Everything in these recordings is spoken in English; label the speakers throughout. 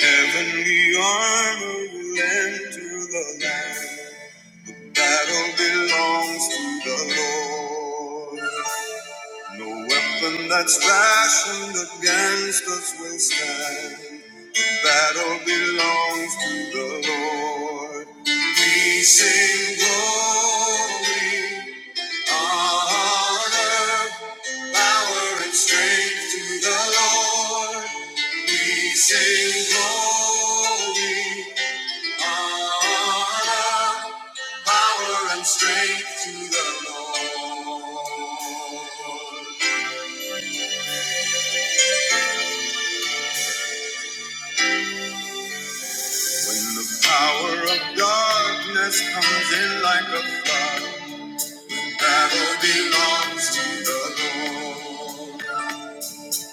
Speaker 1: Heavenly armor will enter the land. The battle belongs to the Lord. No weapon that's fashioned against us will stand. The battle belongs to the Lord. We sing glory, honor, power, and strength to the Lord. We sing glory. All power and strength to the Lord. When the power of darkness comes in like a flood, battle belongs to the Lord.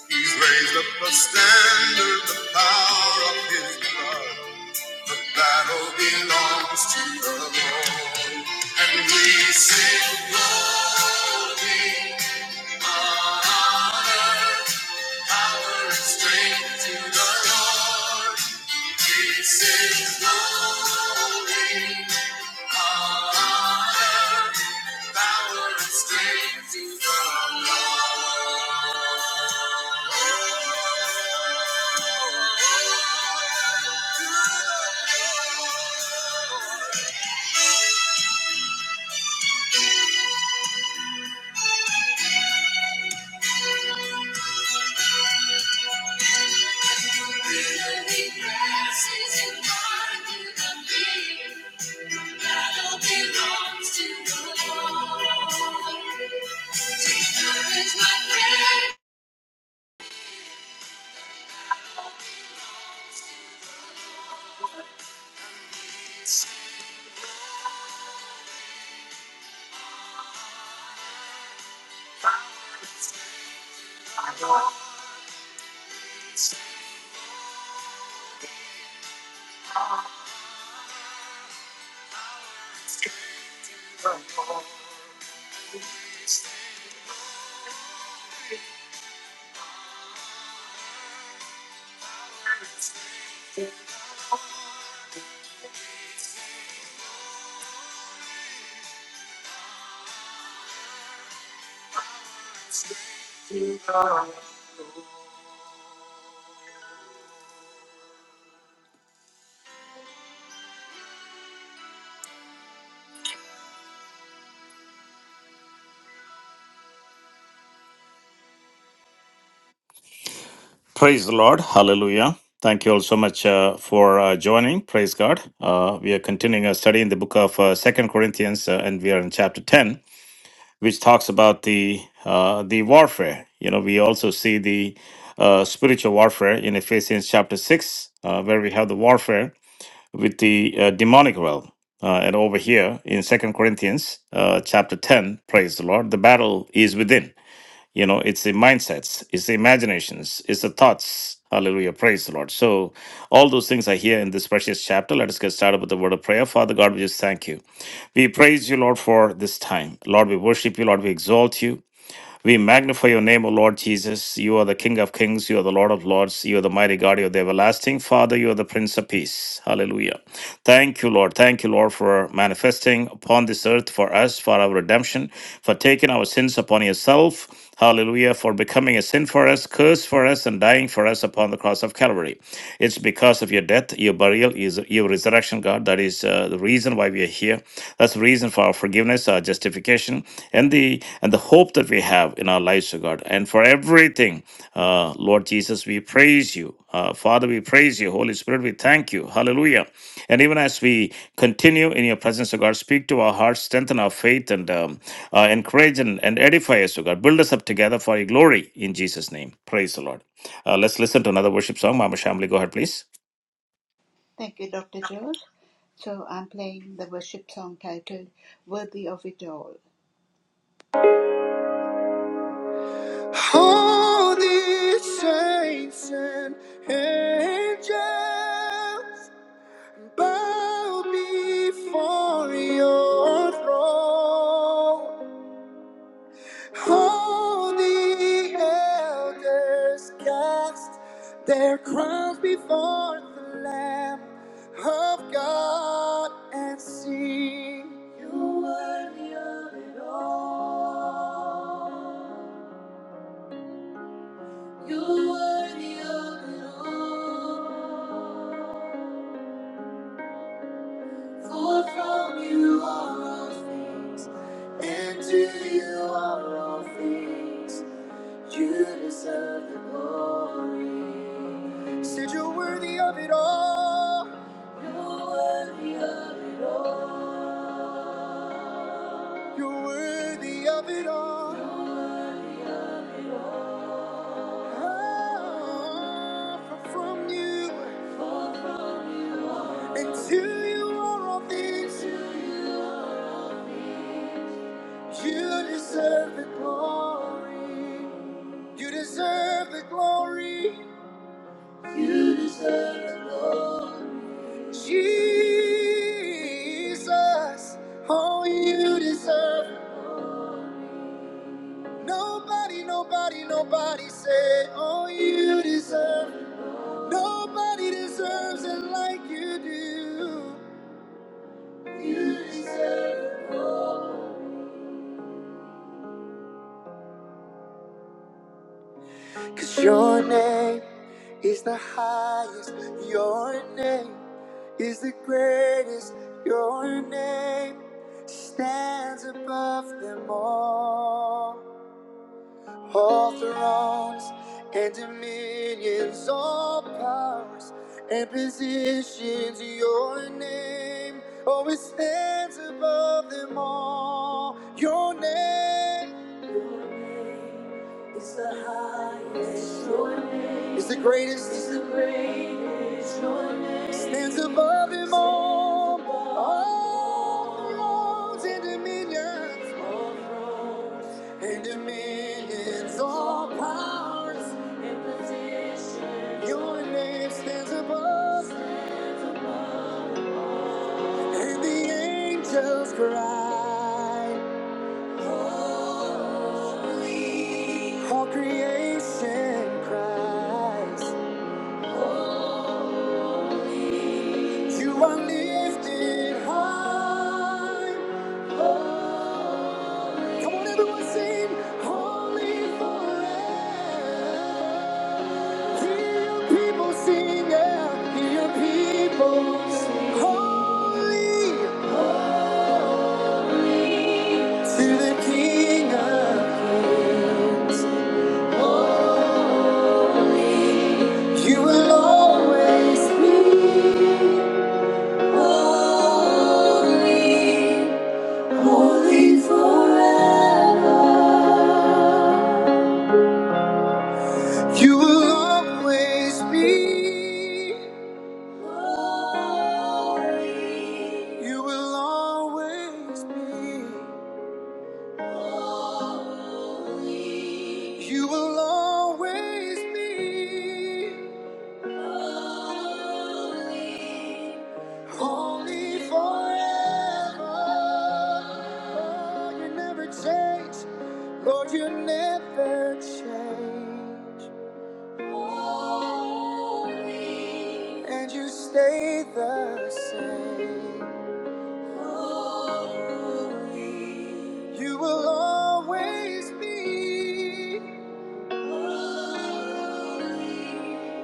Speaker 1: He's raised up a standard, the power of his blood. The battle belongs to the Lord. And we sing glory, honor. Power and strength to the Lord. This is holy. Honor, power and strength to the Lord. To the Lord. He passes in mind to the fear. Battle belongs to the Lord. Praise the Lord. Hallelujah. Thank you all so much uh, for uh, joining. Praise God. Uh, we are continuing our study in the book of uh, 2 Corinthians, uh, and we are in chapter 10, which talks about the uh, the warfare. You know, we also see the uh, spiritual warfare in Ephesians chapter 6, uh, where we have the warfare. with the uh, demonic realm. Uh, and over here in Second Corinthians uh, chapter 10, praise the Lord, the battle is within. You know, it's the mindsets, it's the imaginations, it's the thoughts. Hallelujah. Praise the Lord. So, all those things are here in this precious chapter. Let us get started with the word of prayer. Father God, we just thank you. We praise you, Lord, for this time. Lord, we worship you. Lord, we exalt you. We magnify your name, O Lord Jesus. You are the King of kings. You are the Lord of lords. You are the mighty God. You are the everlasting Father. You are the Prince of Peace. Hallelujah. Thank you, Lord. Thank you, Lord, for manifesting upon this earth for us, for our redemption, for taking our sins upon yourself. Hallelujah, for becoming a sin for us, curse for us, and dying for us upon the cross of Calvary. It's because of your death, your burial, your resurrection, God. That is uh, the reason why we are here. That's the reason for our forgiveness, our justification, and the and the hope that we have in our lives, O God. And for everything, uh, Lord Jesus, we praise you. Uh, Father, we praise you. Holy Spirit, we thank you. Hallelujah. And even as we continue in your presence, O God, speak to our hearts, strengthen our faith, and um, uh, encourage and, and edify us, O God. Build us up together for your glory in Jesus' name. Praise the Lord. Uh, let's listen to another worship song. Mama Shamli, go ahead, please.
Speaker 2: Thank you, Dr. George. So I'm playing the worship song titled Worthy of It All. Holy saints and angels bow before your throne. All the elders cast their crowns before the Lamb of God and sing. You worthy of it all. You worthy of it all. For from you are all things, and to you are all things. You deserve the glory. Said you're worthy of it all. You're worthy of it all. You're worthy of it all. You're worthy of it all. Far from you, and you are all things. You deserve the glory. You deserve the glory. You deserve the glory. Jesus, oh, you deserve. Nobody, nobody, nobody say, oh, you deserve. Nobody deserves it like you do. You deserve it all. Cause your name is the highest. Your name is the greatest. Your name stands above them all. All thrones and dominions, all powers and positions, your name always stands above them all. Your name, your name is the highest, is the greatest, is the greatest. Your name stands above them all. All thrones and dominions. And dominions, all powers, and positions. Your name stands above, and the angels cry. Holy. All creation cries. You are lifted high. Oh, come on, everyone, sing holy forever. Hear your people sing, yeah. Hear your people sing. Holy, holy to the King of Kings. Holy, you will always be. Holy, holy forever. You will always be You will always be You will always be. Holy, holy forever. Lord, you never change. Lord, you never change. Holy, and you stay the same. Holy, you will always be. Holy.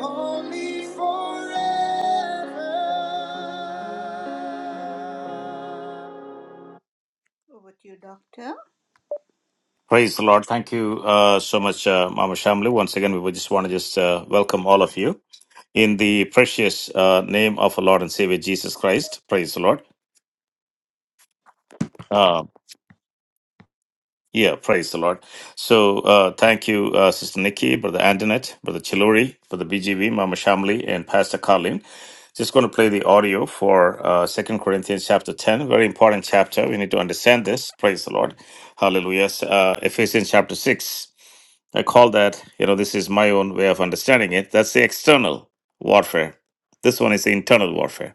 Speaker 2: Holy forever. Over to you, Doctor.
Speaker 1: Praise the Lord. Thank you uh, so much, uh, Mama Shamli. Once again, we would just want to just uh, welcome all of you in the precious uh, name of our Lord and Savior Jesus Christ. Praise the Lord. Uh, Yeah, praise the Lord. So uh, thank you, uh, Sister Nikki, Brother Antoinette, Brother Chilori, Brother BGV, Mama Shamli, and Pastor Colin. Just going to play the audio for uh, 2 Corinthians chapter 10, very important chapter. We need to understand this. Praise the Lord. Hallelujah. S- Uh, Ephesians chapter 6. I call that, you know, this is my own way of understanding it. That's the external warfare. This one is the internal warfare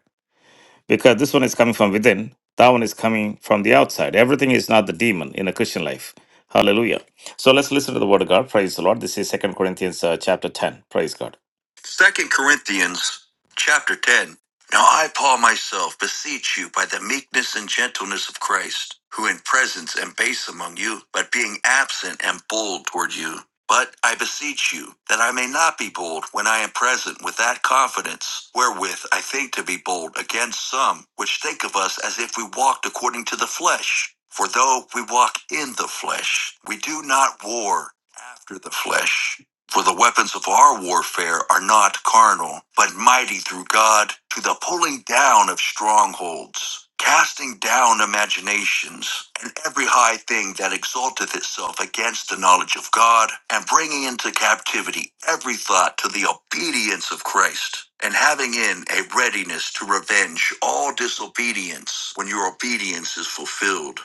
Speaker 1: because this one is coming from within, that one is coming from the outside. Everything is not the demon in a Christian life. Hallelujah. So let's listen to the word of God. Praise the Lord. This is Second Corinthians uh, chapter 10. Praise God. Second Corinthians chapter 10. Now I, Paul, myself, beseech you by the meekness and gentleness of Christ, who in presence am base among you, but being absent am bold toward you. But I beseech you that I may not be bold when I am present with that confidence wherewith I think to be bold against some which think of us as if we walked according to the flesh. For though we walk in the flesh, we do not war after the flesh. For the weapons of our warfare are not carnal, but mighty through God to the pulling down of strongholds, casting down imaginations, and every high thing that exalteth itself against the knowledge of God, and bringing into captivity every thought to the obedience of Christ, and having in a readiness to revenge all disobedience when your obedience is fulfilled.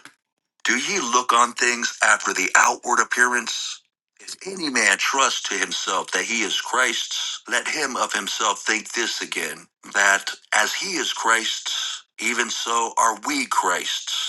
Speaker 1: Do ye look on things after the outward appearance? If any man trust to himself that he is Christ's, let him of himself think this again, that as he is Christ's, even so are we Christ's.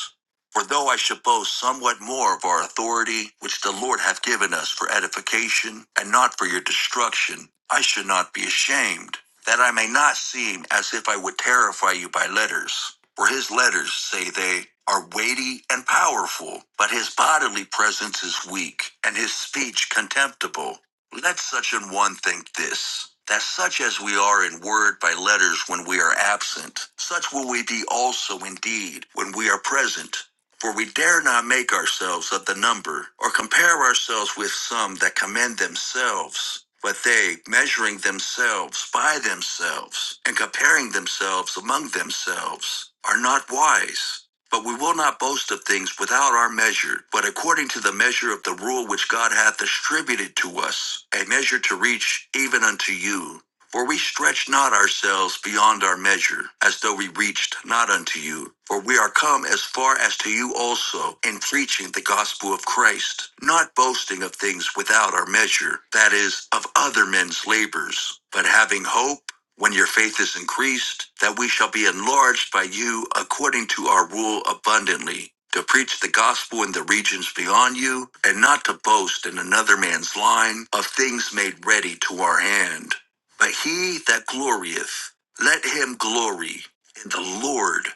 Speaker 1: For though I should boast somewhat more of our authority, which the Lord hath given us for edification, and not for your destruction, I should not be ashamed, that I may not seem as if I would terrify you by letters. For his letters, say they, are weighty and powerful, but his bodily presence is weak, and his speech contemptible. Let such an one think this, that such as we are in word by letters when we are absent, such will we be also indeed when we are present. For we dare not make ourselves of the number, or compare ourselves with some that commend themselves. But they, measuring themselves by themselves, and comparing themselves among themselves, are not wise. But we will not boast of things without our measure, but according to the measure of the rule which God hath distributed to us, a measure to reach even unto you. For we stretch not ourselves beyond our measure, as though we reached not unto you. For we are come as far as to you also in preaching the gospel of Christ, not boasting of things without our measure, that is, of other men's labors, but having hope, when your faith is increased, that we shall be enlarged by you according to our rule abundantly, to preach the gospel in the regions beyond you, and not to boast in another man's line of things made ready to our hand. But he that glorieth, let him glory in the Lord.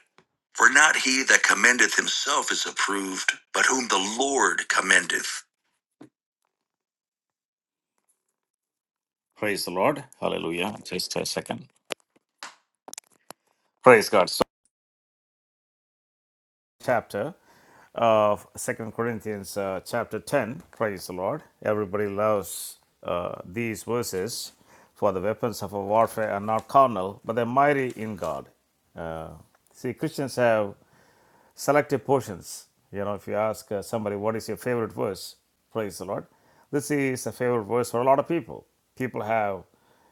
Speaker 1: For not he that commendeth himself is approved, but whom the Lord commendeth. Praise the Lord. Hallelujah. Just a second. Praise God. So- chapter of Second Corinthians, uh, chapter 10. Praise the Lord. Everybody loves uh, these verses. For the weapons of our warfare are not carnal, but they're mighty in God. Uh, see, Christians have selective portions. You know, if you ask uh, somebody, what is your favorite verse? Praise the Lord. This is a favorite verse for a lot of people. People have,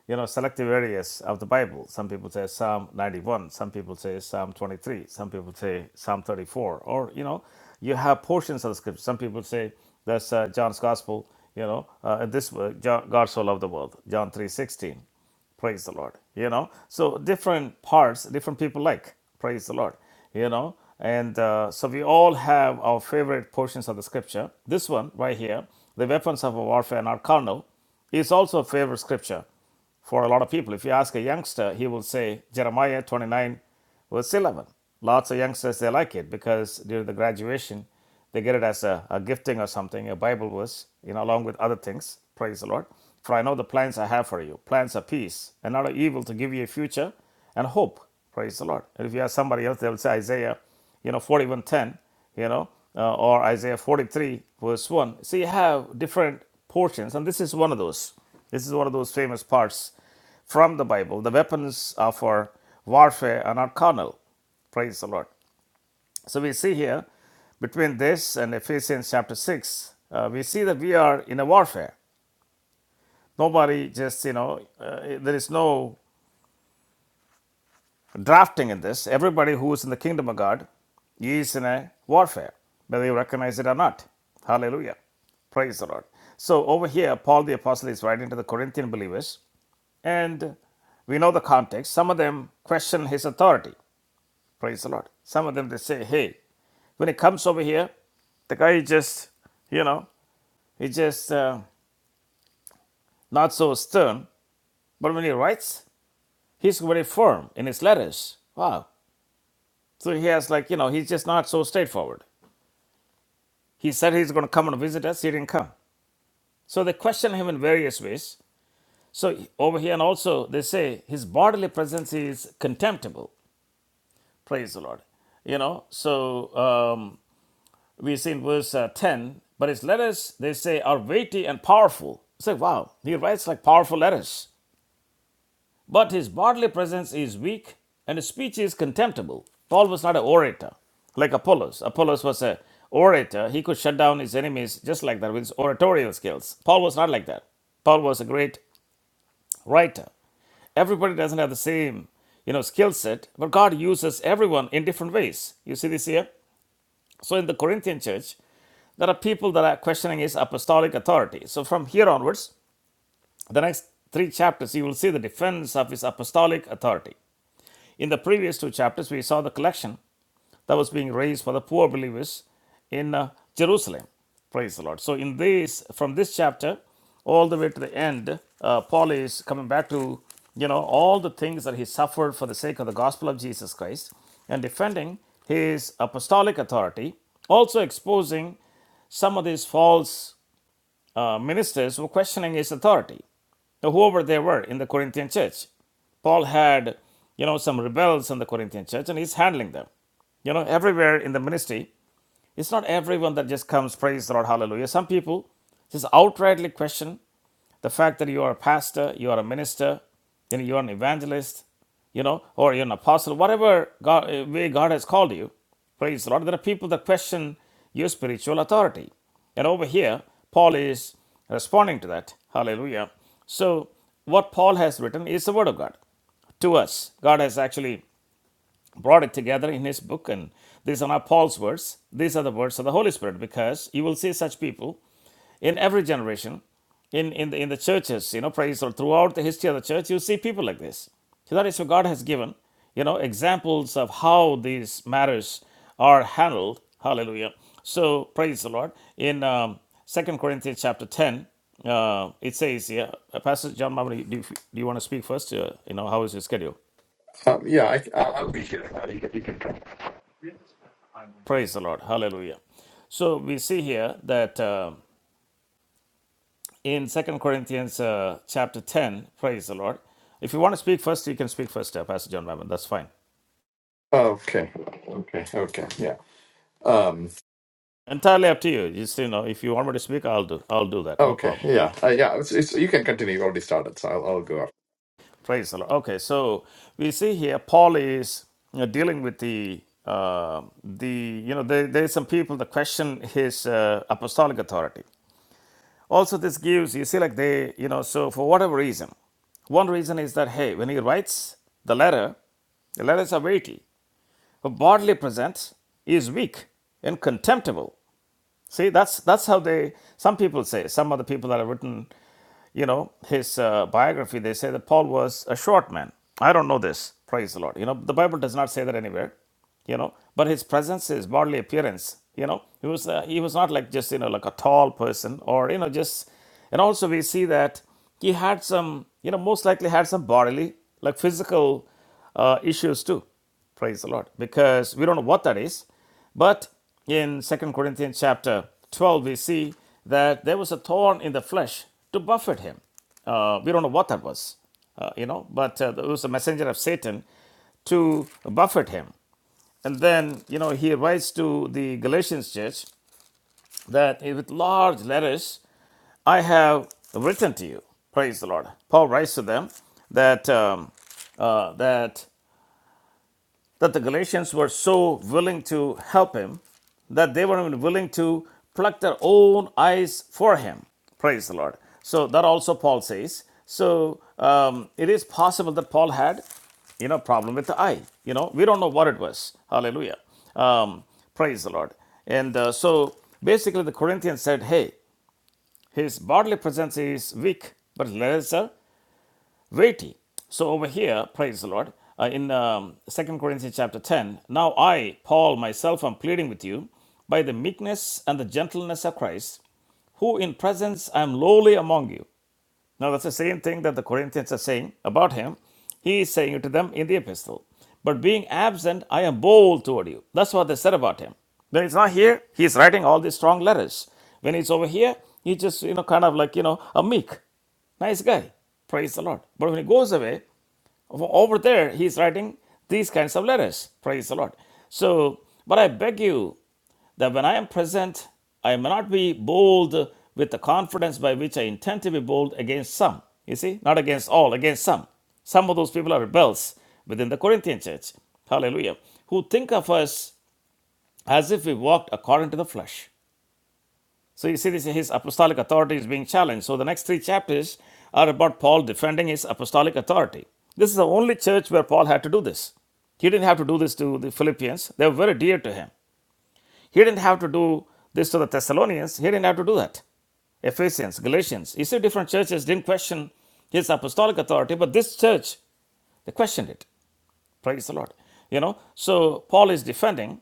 Speaker 1: you know, selective areas of the Bible. Some people say Psalm 91, some people say Psalm 23, some people say Psalm 34, or, you know, you have portions of the scripture. Some people say that's uh, John's gospel, you know, uh, this uh, John, God so loved the world, John 3.16 praise the lord you know so different parts different people like praise the lord you know and uh, so we all have our favorite portions of the scripture this one right here the weapons of our warfare are not carnal is also a favorite scripture for a lot of people. If you ask a youngster, he will say Jeremiah 29, verse 11. Lots of youngsters, they like it because during the graduation, they get it as a, a gifting or something, a Bible verse, you know, along with other things. Praise the Lord. For I know the plans I have for you plans of peace and not of evil to give you a future and hope. Praise the Lord. And if you ask somebody else, they will say Isaiah, you know, 41:10, you know, uh, or Isaiah 43, verse 1. So you have different portions, and this is one of those. This is one of those famous parts from the Bible. The weapons of our warfare are not carnal. Praise the Lord. So we see here between this and Ephesians chapter 6, uh, we see that we are in a warfare. Nobody just, you know, uh, there is no drafting in this. Everybody who is in the kingdom of God is in a warfare, whether you recognize it or not. Hallelujah. Praise the Lord. So over here, Paul the Apostle is writing to the Corinthian believers, and we know the context. Some of them question his authority. Praise the Lord. Some of them they say, hey, when he comes over here, the guy is just, you know, he's just uh, not so stern. But when he writes, he's very firm in his letters. Wow. So he has like, you know, he's just not so straightforward. He said he's going to come and visit us. He didn't come. So they question him in various ways. So over here, and also they say his bodily presence is contemptible. Praise the Lord. You know, so. Um, we see in verse uh, 10, but his letters, they say, are weighty and powerful. It's like, wow, he writes like powerful letters. But his bodily presence is weak and his speech is contemptible. Paul was not an orator like Apollos. Apollos was an orator. He could shut down his enemies just like that with his oratorial skills. Paul was not like that. Paul was a great writer. Everybody doesn't have the same, you know, skill set, but God uses everyone in different ways. You see this here? So in the Corinthian church, There are people that are questioning his apostolic authority. So from here onwards, the next three chapters, you will see the defense of his apostolic authority. In the previous two chapters, we saw the collection that was being raised for the poor believers in uh, Jerusalem. Praise the Lord. So in this, from this chapter, all the way to the end, uh, Paul is coming back to you know all the things that he suffered for the sake of the gospel of Jesus Christ and defending his apostolic authority, also exposing some of these false uh, ministers were questioning his authority, whoever they were in the Corinthian church. Paul had, you know, some rebels in the Corinthian church, and he's handling them. You know, everywhere in the ministry, it's not everyone that just comes, praise the Lord, hallelujah. Some people just outrightly question the fact that you are a pastor, you are a minister, you know, you are an evangelist, you know, or you're an apostle, whatever God, uh, way God has called you, praise the Lord. There are people that question your spiritual authority. And over here, Paul is responding to that. Hallelujah. So, what Paul has written is the Word of God to us. God has actually brought it together in his book, and these are not Paul's words. These are the words of the Holy Spirit, because you will see such people in every generation in, in, the, in the churches you know praise or throughout the history of the church you see people like this so that is what god has given you know examples of how these matters are handled hallelujah so praise the lord in um, 2 corinthians chapter 10 uh, it says here uh, pastor john Mamre, do you, do you want to speak first uh, you know how is your schedule
Speaker 3: Um, yeah, I, I'll, I'll be here. Uh, you can, you can come.
Speaker 1: praise the lord hallelujah so we see here that uh, in Second Corinthians uh, chapter 10. Praise the Lord. If you want to speak first, you can speak first, uh, Pastor John Mammon. That's fine.
Speaker 3: Okay, okay, okay, yeah. Um,
Speaker 1: Entirely up to you. Just you know, if you want me to speak, I'll do. I'll do that. No
Speaker 3: okay,
Speaker 1: problem.
Speaker 3: yeah, uh, yeah. It's, it's, you can continue. You already started, so I'll, I'll go after.
Speaker 1: Praise the Lord. Okay, so we see here Paul is you know, dealing with the uh, the you know there there's some people that question his uh, apostolic authority. Also, this gives you see like they you know so for whatever reason, one reason is that hey, when he writes the letter, the letters are weighty. a bodily presence is weak and contemptible. See, that's that's how they. Some people say. Some of the people that have written you know, his uh, biography, they say that Paul was a short man. I don't know this. Praise the Lord. You know, the Bible does not say that anywhere. You know, but his presence, his bodily appearance, you know, he was uh, he was not like just you know like a tall person or you know just, and also we see that he had some you know most likely had some bodily like physical uh, issues too. Praise the Lord. Because we don't know what that is. But in Second Corinthians chapter 12, we see that there was a thorn in the flesh to buffet him. Uh, we don't know what that was, uh, you know, but uh, it was a messenger of Satan to buffet him. And then, you know, he writes to the Galatians church that with large letters, I have written to you. Praise the Lord. Paul writes to them that um, uh, that that the Galatians were so willing to help him that they were even willing to pluck their own eyes for him. Praise the Lord. So that also Paul says. So um, it is possible that Paul had, you know, problem with the eye. You know, we don't know what it was. Hallelujah. Um, praise the Lord. And uh, so basically, the Corinthians said, "Hey, his bodily presence is weak, but let us uh, weighty. So over here, praise the Lord, uh, in um, 2 Corinthians chapter 10, now I, Paul, myself am pleading with you by the meekness and the gentleness of Christ, who in presence I am lowly among you. Now that's the same thing that the Corinthians are saying about him. He is saying it to them in the epistle. But being absent, I am bold toward you. That's what they said about him. When he's not here, he's writing all these strong letters. When he's over here, he's just, you know, kind of like, you know, a meek, nice guy. Praise the Lord. But when he goes away, over there, he's writing these kinds of letters. Praise the Lord. So, but I beg you that when I am present, I may not be bold with the confidence by which I intend to be bold against some. You see, not against all, against some. Some of those people are rebels within the Corinthian church. Hallelujah. Who think of us as if we walked according to the flesh. So you see, this his apostolic authority is being challenged. So the next three chapters are about Paul defending his apostolic authority. This is the only church where Paul had to do this. He didn't have to do this to the Philippians. They were very dear to him. He didn't have to do this to the Thessalonians. He didn't have to do that. Ephesians, Galatians. You see, different churches didn't question his apostolic authority, but this church, they questioned it. Praise the Lord. You know, so Paul is defending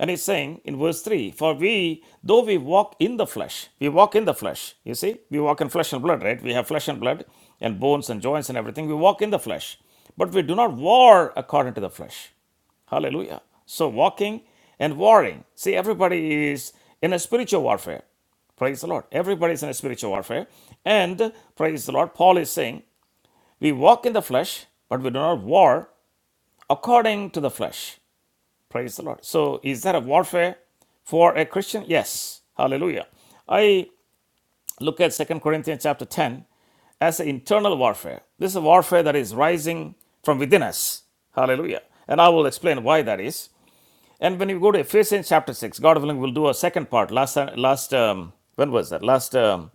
Speaker 1: and he's saying in verse 3 For we, though we walk in the flesh, we walk in the flesh. You see, we walk in flesh and blood, right? We have flesh and blood and bones and joints and everything. We walk in the flesh, but we do not war according to the flesh. Hallelujah. So, walking and warring. See, everybody is in a spiritual warfare. Praise the Lord. Everybody is in a spiritual warfare. And praise the Lord, Paul is saying, we walk in the flesh, but we do not war according to the flesh. Praise the Lord. So, is that a warfare for a Christian? Yes. Hallelujah. I look at Second Corinthians chapter 10 as an internal warfare. This is a warfare that is rising from within us. Hallelujah. And I will explain why that is. And when you go to Ephesians chapter 6, God willing, we'll do a second part. Last, last um, when was that? Last um,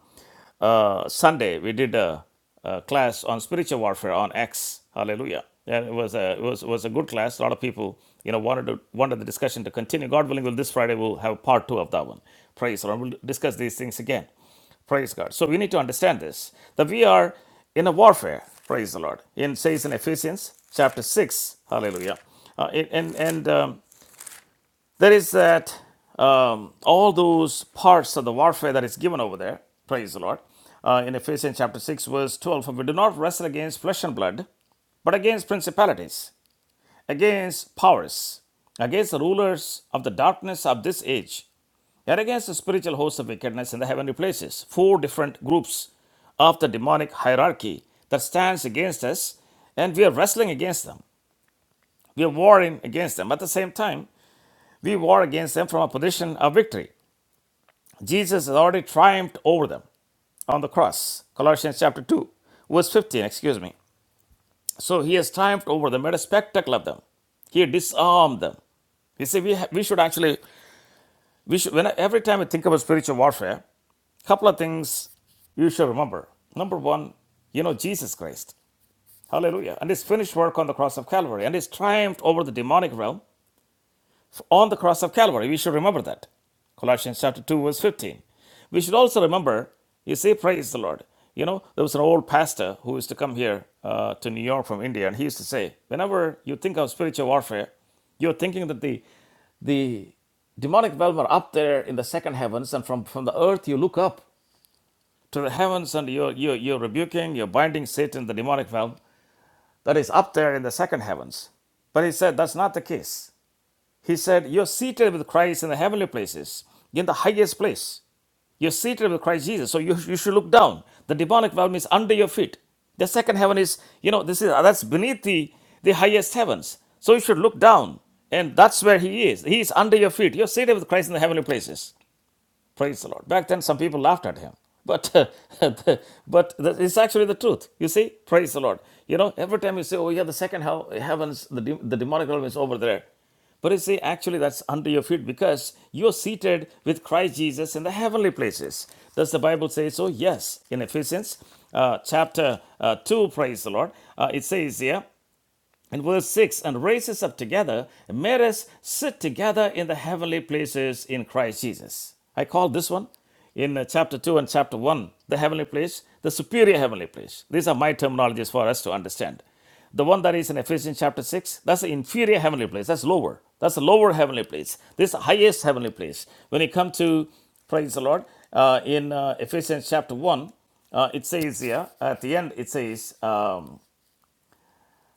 Speaker 1: uh, Sunday we did a, a class on spiritual warfare on X. Hallelujah! And it was a it was was a good class. A lot of people you know wanted to wanted the discussion to continue. God willing, will this Friday we'll have part two of that one. Praise the Lord. We'll discuss these things again. Praise God. So we need to understand this that we are in a warfare. Praise the Lord. In says in Ephesians chapter six. Hallelujah. Uh, and and and, um, there is that um, all those parts of the warfare that is given over there praise the lord uh, in ephesians chapter 6 verse 12 for we do not wrestle against flesh and blood but against principalities against powers against the rulers of the darkness of this age and against the spiritual hosts of wickedness in the heavenly places four different groups of the demonic hierarchy that stands against us, and we are wrestling against them. We are warring against them. At the same time, we war against them from a position of victory. Jesus has already triumphed over them on the cross. Colossians chapter 2, verse 15, excuse me. So he has triumphed over them, made a spectacle of them. He disarmed them. You see, we, ha- we should actually, we should, when, every time we think about spiritual warfare, couple of things you should remember. Number one, you know Jesus Christ. Hallelujah. And his finished work on the cross of Calvary and his triumph over the demonic realm on the cross of Calvary. We should remember that. Colossians chapter 2, verse 15. We should also remember, you see, praise the Lord. You know, there was an old pastor who used to come here uh, to New York from India, and he used to say, whenever you think of spiritual warfare, you're thinking that the, the demonic realm are up there in the second heavens, and from, from the earth you look up to the heavens and you're, you're, you're rebuking, you're binding Satan, the demonic realm that is up there in the second heavens. But he said that's not the case. He said, You're seated with Christ in the heavenly places, in the highest place. You're seated with Christ Jesus. So you, you should look down. The demonic realm is under your feet. The second heaven is, you know, this is that's beneath the, the highest heavens. So you should look down. And that's where he is. He is under your feet. You're seated with Christ in the heavenly places. Praise the Lord. Back then, some people laughed at him. But, but it's actually the truth. You see, praise the Lord. You know, every time you say, oh, yeah, the second hell, heavens, the, de- the demonic realm is over there. But you see, actually, that's under your feet because you're seated with Christ Jesus in the heavenly places. Does the Bible say so? Yes. In Ephesians uh, chapter uh, 2, praise the Lord, uh, it says here, and verse 6 And raises up together, and made us sit together in the heavenly places in Christ Jesus. I call this one in uh, chapter 2 and chapter 1 the heavenly place, the superior heavenly place. These are my terminologies for us to understand. The one that is in Ephesians chapter 6, that's the inferior heavenly place, that's lower. That's the lower heavenly place. This highest heavenly place. When you come to, praise the Lord, uh, in uh, Ephesians chapter 1, uh, it says here, at the end, it says, um,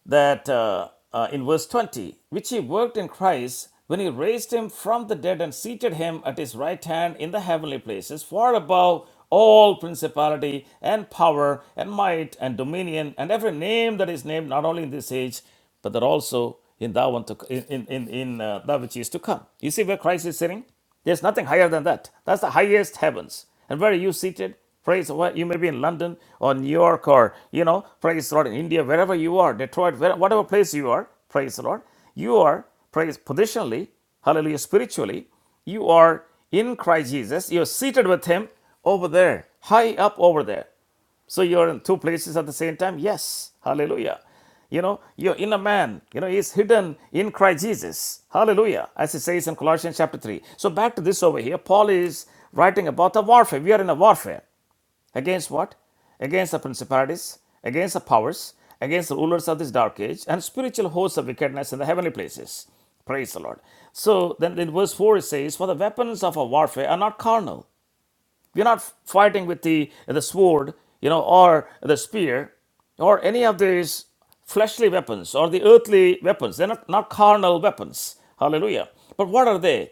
Speaker 1: that uh, uh, in verse 20, which he worked in Christ when he raised him from the dead and seated him at his right hand in the heavenly places, far above all principality and power and might and dominion and every name that is named, not only in this age, but that also in that one to in in in, uh, that which is to come. You see where Christ is sitting? There's nothing higher than that. That's the highest heavens. And where are you seated? Praise the Lord. You may be in London or New York or you know, praise the Lord in India, wherever you are, Detroit, where, whatever place you are, praise the Lord. You are praise positionally, hallelujah, spiritually. You are in Christ Jesus. You're seated with Him over there, high up over there. So you're in two places at the same time? Yes. Hallelujah. You know, your inner man, you know, is hidden in Christ Jesus. Hallelujah. As it says in Colossians chapter 3. So back to this over here. Paul is writing about the warfare. We are in a warfare. Against what? Against the principalities, against the powers, against the rulers of this dark age, and spiritual hosts of wickedness in the heavenly places. Praise the Lord. So then in verse 4 it says, For the weapons of our warfare are not carnal we're not fighting with the, the sword, you know, or the spear, or any of these fleshly weapons or the earthly weapons. They're not, not carnal weapons. Hallelujah. But what are they?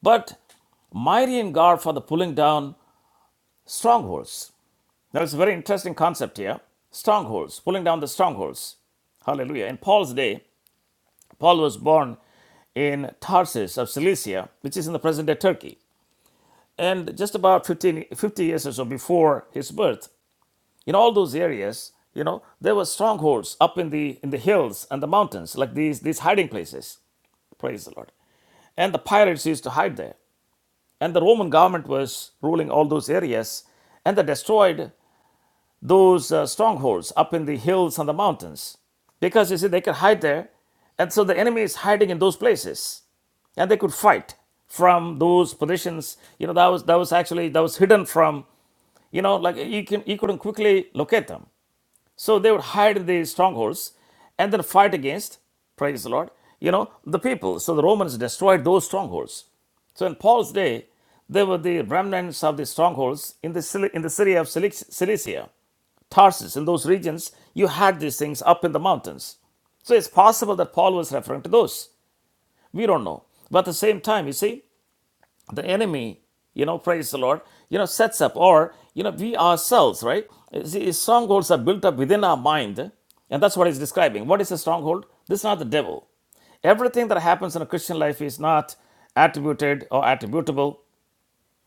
Speaker 1: But mighty in God for the pulling down strongholds. Now, it's a very interesting concept here strongholds, pulling down the strongholds. Hallelujah. In Paul's day, Paul was born in Tarsus of Cilicia, which is in the present day Turkey. And just about 15, 50 years or so before his birth, in all those areas you know there were strongholds up in the in the hills and the mountains like these these hiding places praise the lord and the pirates used to hide there and the roman government was ruling all those areas and they destroyed those uh, strongholds up in the hills and the mountains because you see they could hide there and so the enemy is hiding in those places and they could fight from those positions you know that was that was actually that was hidden from you know like you can you couldn't quickly locate them So they would hide in the strongholds and then fight against, praise the Lord, you know, the people. So the Romans destroyed those strongholds. So in Paul's day, there were the remnants of the strongholds in the, in the city of Cilicia, Tarsus. In those regions, you had these things up in the mountains. So it's possible that Paul was referring to those. We don't know. But at the same time, you see, the enemy, you know, praise the Lord, you know, sets up, or, you know, we ourselves, right? See, strongholds are built up within our mind, and that's what he's describing. What is a stronghold? This is not the devil. Everything that happens in a Christian life is not attributed or attributable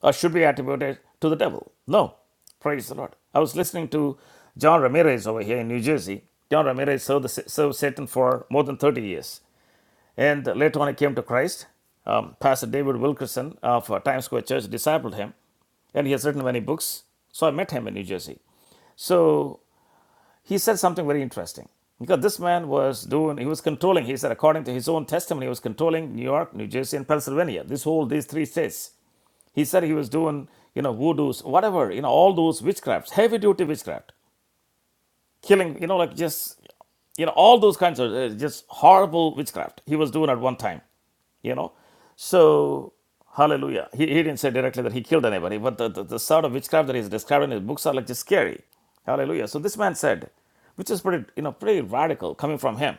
Speaker 1: or should be attributed to the devil. No, praise the Lord. I was listening to John Ramirez over here in New Jersey. John Ramirez served, the, served Satan for more than 30 years. And later on, he came to Christ. Um, Pastor David Wilkerson of uh, Times Square Church discipled him, and he has written many books. So I met him in New Jersey. So he said something very interesting because this man was doing, he was controlling, he said, according to his own testimony, he was controlling New York, New Jersey, and Pennsylvania, this whole, these three states. He said he was doing, you know, voodoos, whatever, you know, all those witchcrafts, heavy duty witchcraft, killing, you know, like just, you know, all those kinds of uh, just horrible witchcraft he was doing at one time. you know so hallelujah he, he didn't say directly that he killed anybody but the, the, the sort of witchcraft that he's described in his books are like just scary hallelujah so this man said which is pretty you know pretty radical coming from him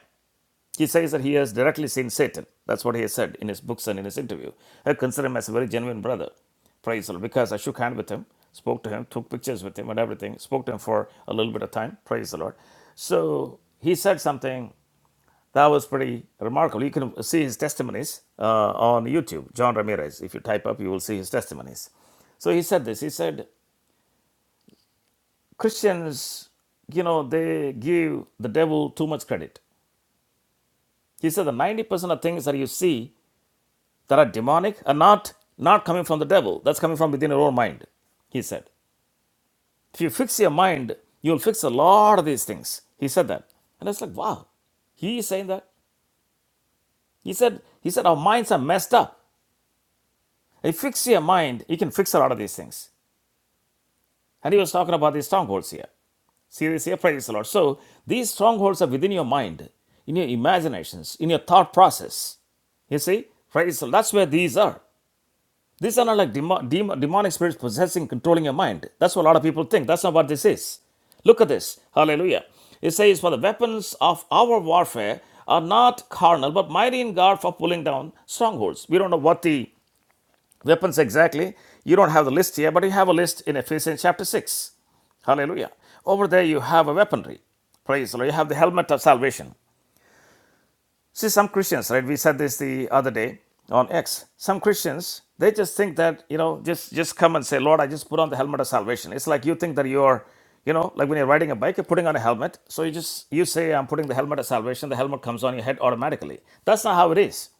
Speaker 1: he says that he has directly seen satan that's what he has said in his books and in his interview i consider him as a very genuine brother praise the lord because i shook hand with him spoke to him took pictures with him and everything spoke to him for a little bit of time praise the lord so he said something that was pretty remarkable. You can see his testimonies uh, on YouTube. John Ramirez, if you type up, you will see his testimonies. So he said this. He said Christians, you know, they give the devil too much credit. He said the ninety percent of things that you see that are demonic are not not coming from the devil. That's coming from within your own mind. He said, if you fix your mind, you'll fix a lot of these things. He said that, and it's like, wow, he is saying that. He said, he said our minds are messed up. If you fix your mind, you can fix a lot of these things. And he was talking about these strongholds here. See this here, praise the Lord. So these strongholds are within your mind, in your imaginations, in your thought process. You see, praise the Lord. That's where these are. These are not like demo- demo- demonic spirits possessing, controlling your mind. That's what a lot of people think. That's not what this is. Look at this. Hallelujah. It says, For the weapons of our warfare are not carnal, but mighty in God for pulling down strongholds. We don't know what the Weapons exactly. You don't have the list here, but you have a list in Ephesians chapter 6. Hallelujah. Over there, you have a weaponry. Praise the Lord. You have the helmet of salvation. See, some Christians, right? We said this the other day on X. Some Christians, they just think that, you know, just, just come and say, Lord, I just put on the helmet of salvation. It's like you think that you're, you know, like when you're riding a bike, you're putting on a helmet. So you just, you say, I'm putting the helmet of salvation. The helmet comes on your head automatically. That's not how it is.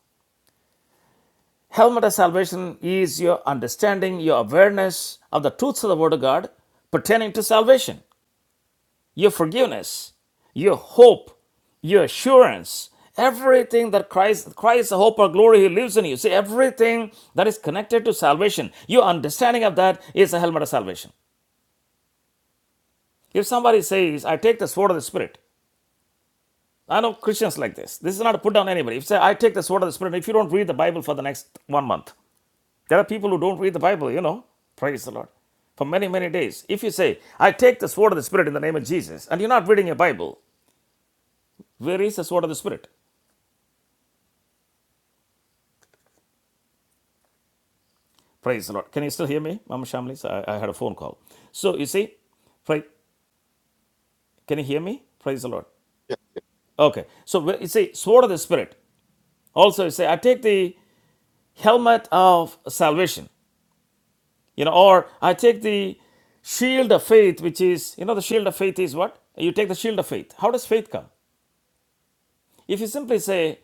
Speaker 1: Helmet of salvation is your understanding, your awareness of the truths of the Word of God pertaining to salvation, your forgiveness, your hope, your assurance, everything that Christ, Christ, the hope or glory, He lives in you. See, everything that is connected to salvation, your understanding of that is the helmet of salvation. If somebody says, I take the sword of the Spirit, I know Christians like this. This is not to put down anybody. If you say, I take the sword of the Spirit, if you don't read the Bible for the next one month, There are people who don't read the Bible, you know. Praise the Lord. For many, many days. If you say, I take the sword of the Spirit in the name of Jesus, and you're not reading your Bible, where is the sword of the Spirit? Praise the Lord. Can you still hear me, Mama Shamlis? I, I had a phone call. So you see, pray, can you hear me? Praise the Lord.
Speaker 3: Yeah.
Speaker 1: Okay. So you see, sword of the Spirit. Also, you say, I take the helmet of salvation, you know, or I take the shield of faith, which is, you know, the shield of faith is what? You take the shield of faith. How does faith come? If you simply say,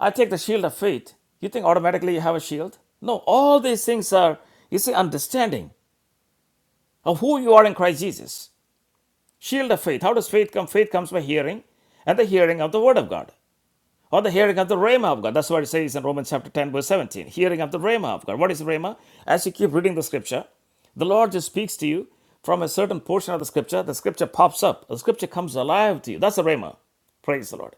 Speaker 1: I take the shield of faith. You think automatically you have a shield? No, all these things are, you see, understanding of who you are in Christ Jesus. Shield of faith. How does faith come? Faith comes by hearing, and the hearing of the Word of God, or the hearing of the Rhema of God. That's what it says in Romans chapter 10, verse 17. Hearing of the Rhema of God. What is Rhema? As you keep reading the scripture, the Lord just speaks to you from a certain portion of the scripture. The scripture pops up, the scripture comes alive to you. That's the Rhema. Praise the Lord.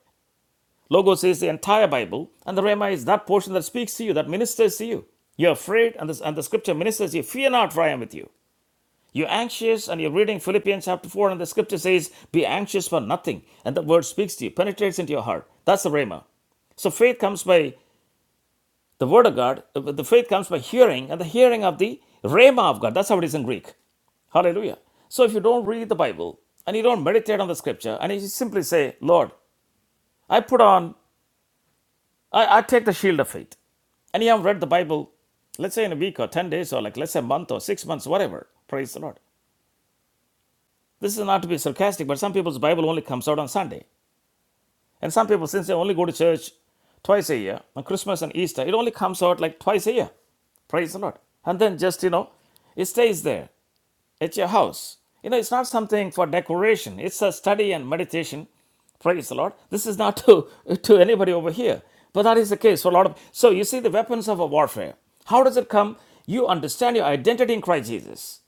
Speaker 1: Logos is the entire Bible, and the Rhema is that portion that speaks to you, that ministers to you. You're afraid, and the, and the scripture ministers to you. Fear not, for I am with you. You're anxious, and you're reading Philippians chapter 4, and the scripture says, Be anxious for nothing. And the word speaks to you, penetrates into your heart. That's the Rhema. So faith comes by the word of God, uh, the faith comes by hearing, and the hearing of the Rhema of God. That's how it is in Greek. Hallelujah. So if you don't read the Bible and you don't meditate on the scripture and you simply say, Lord, I put on, I, I take the shield of faith. and you have read the Bible, let's say in a week or 10 days or like let's say a month or six months, whatever, praise the Lord. This is not to be sarcastic, but some people's Bible only comes out on Sunday. And some people, since they only go to church twice a year, on Christmas and Easter, it only comes out like twice a year. Praise the Lord. And then just, you know, it stays there. At your house. You know, it's not something for decoration. It's a study and meditation. Praise the Lord. This is not to, to anybody over here. But that is the case for a lot of. So you see the weapons of a warfare. How does it come? You understand your identity in Christ Jesus.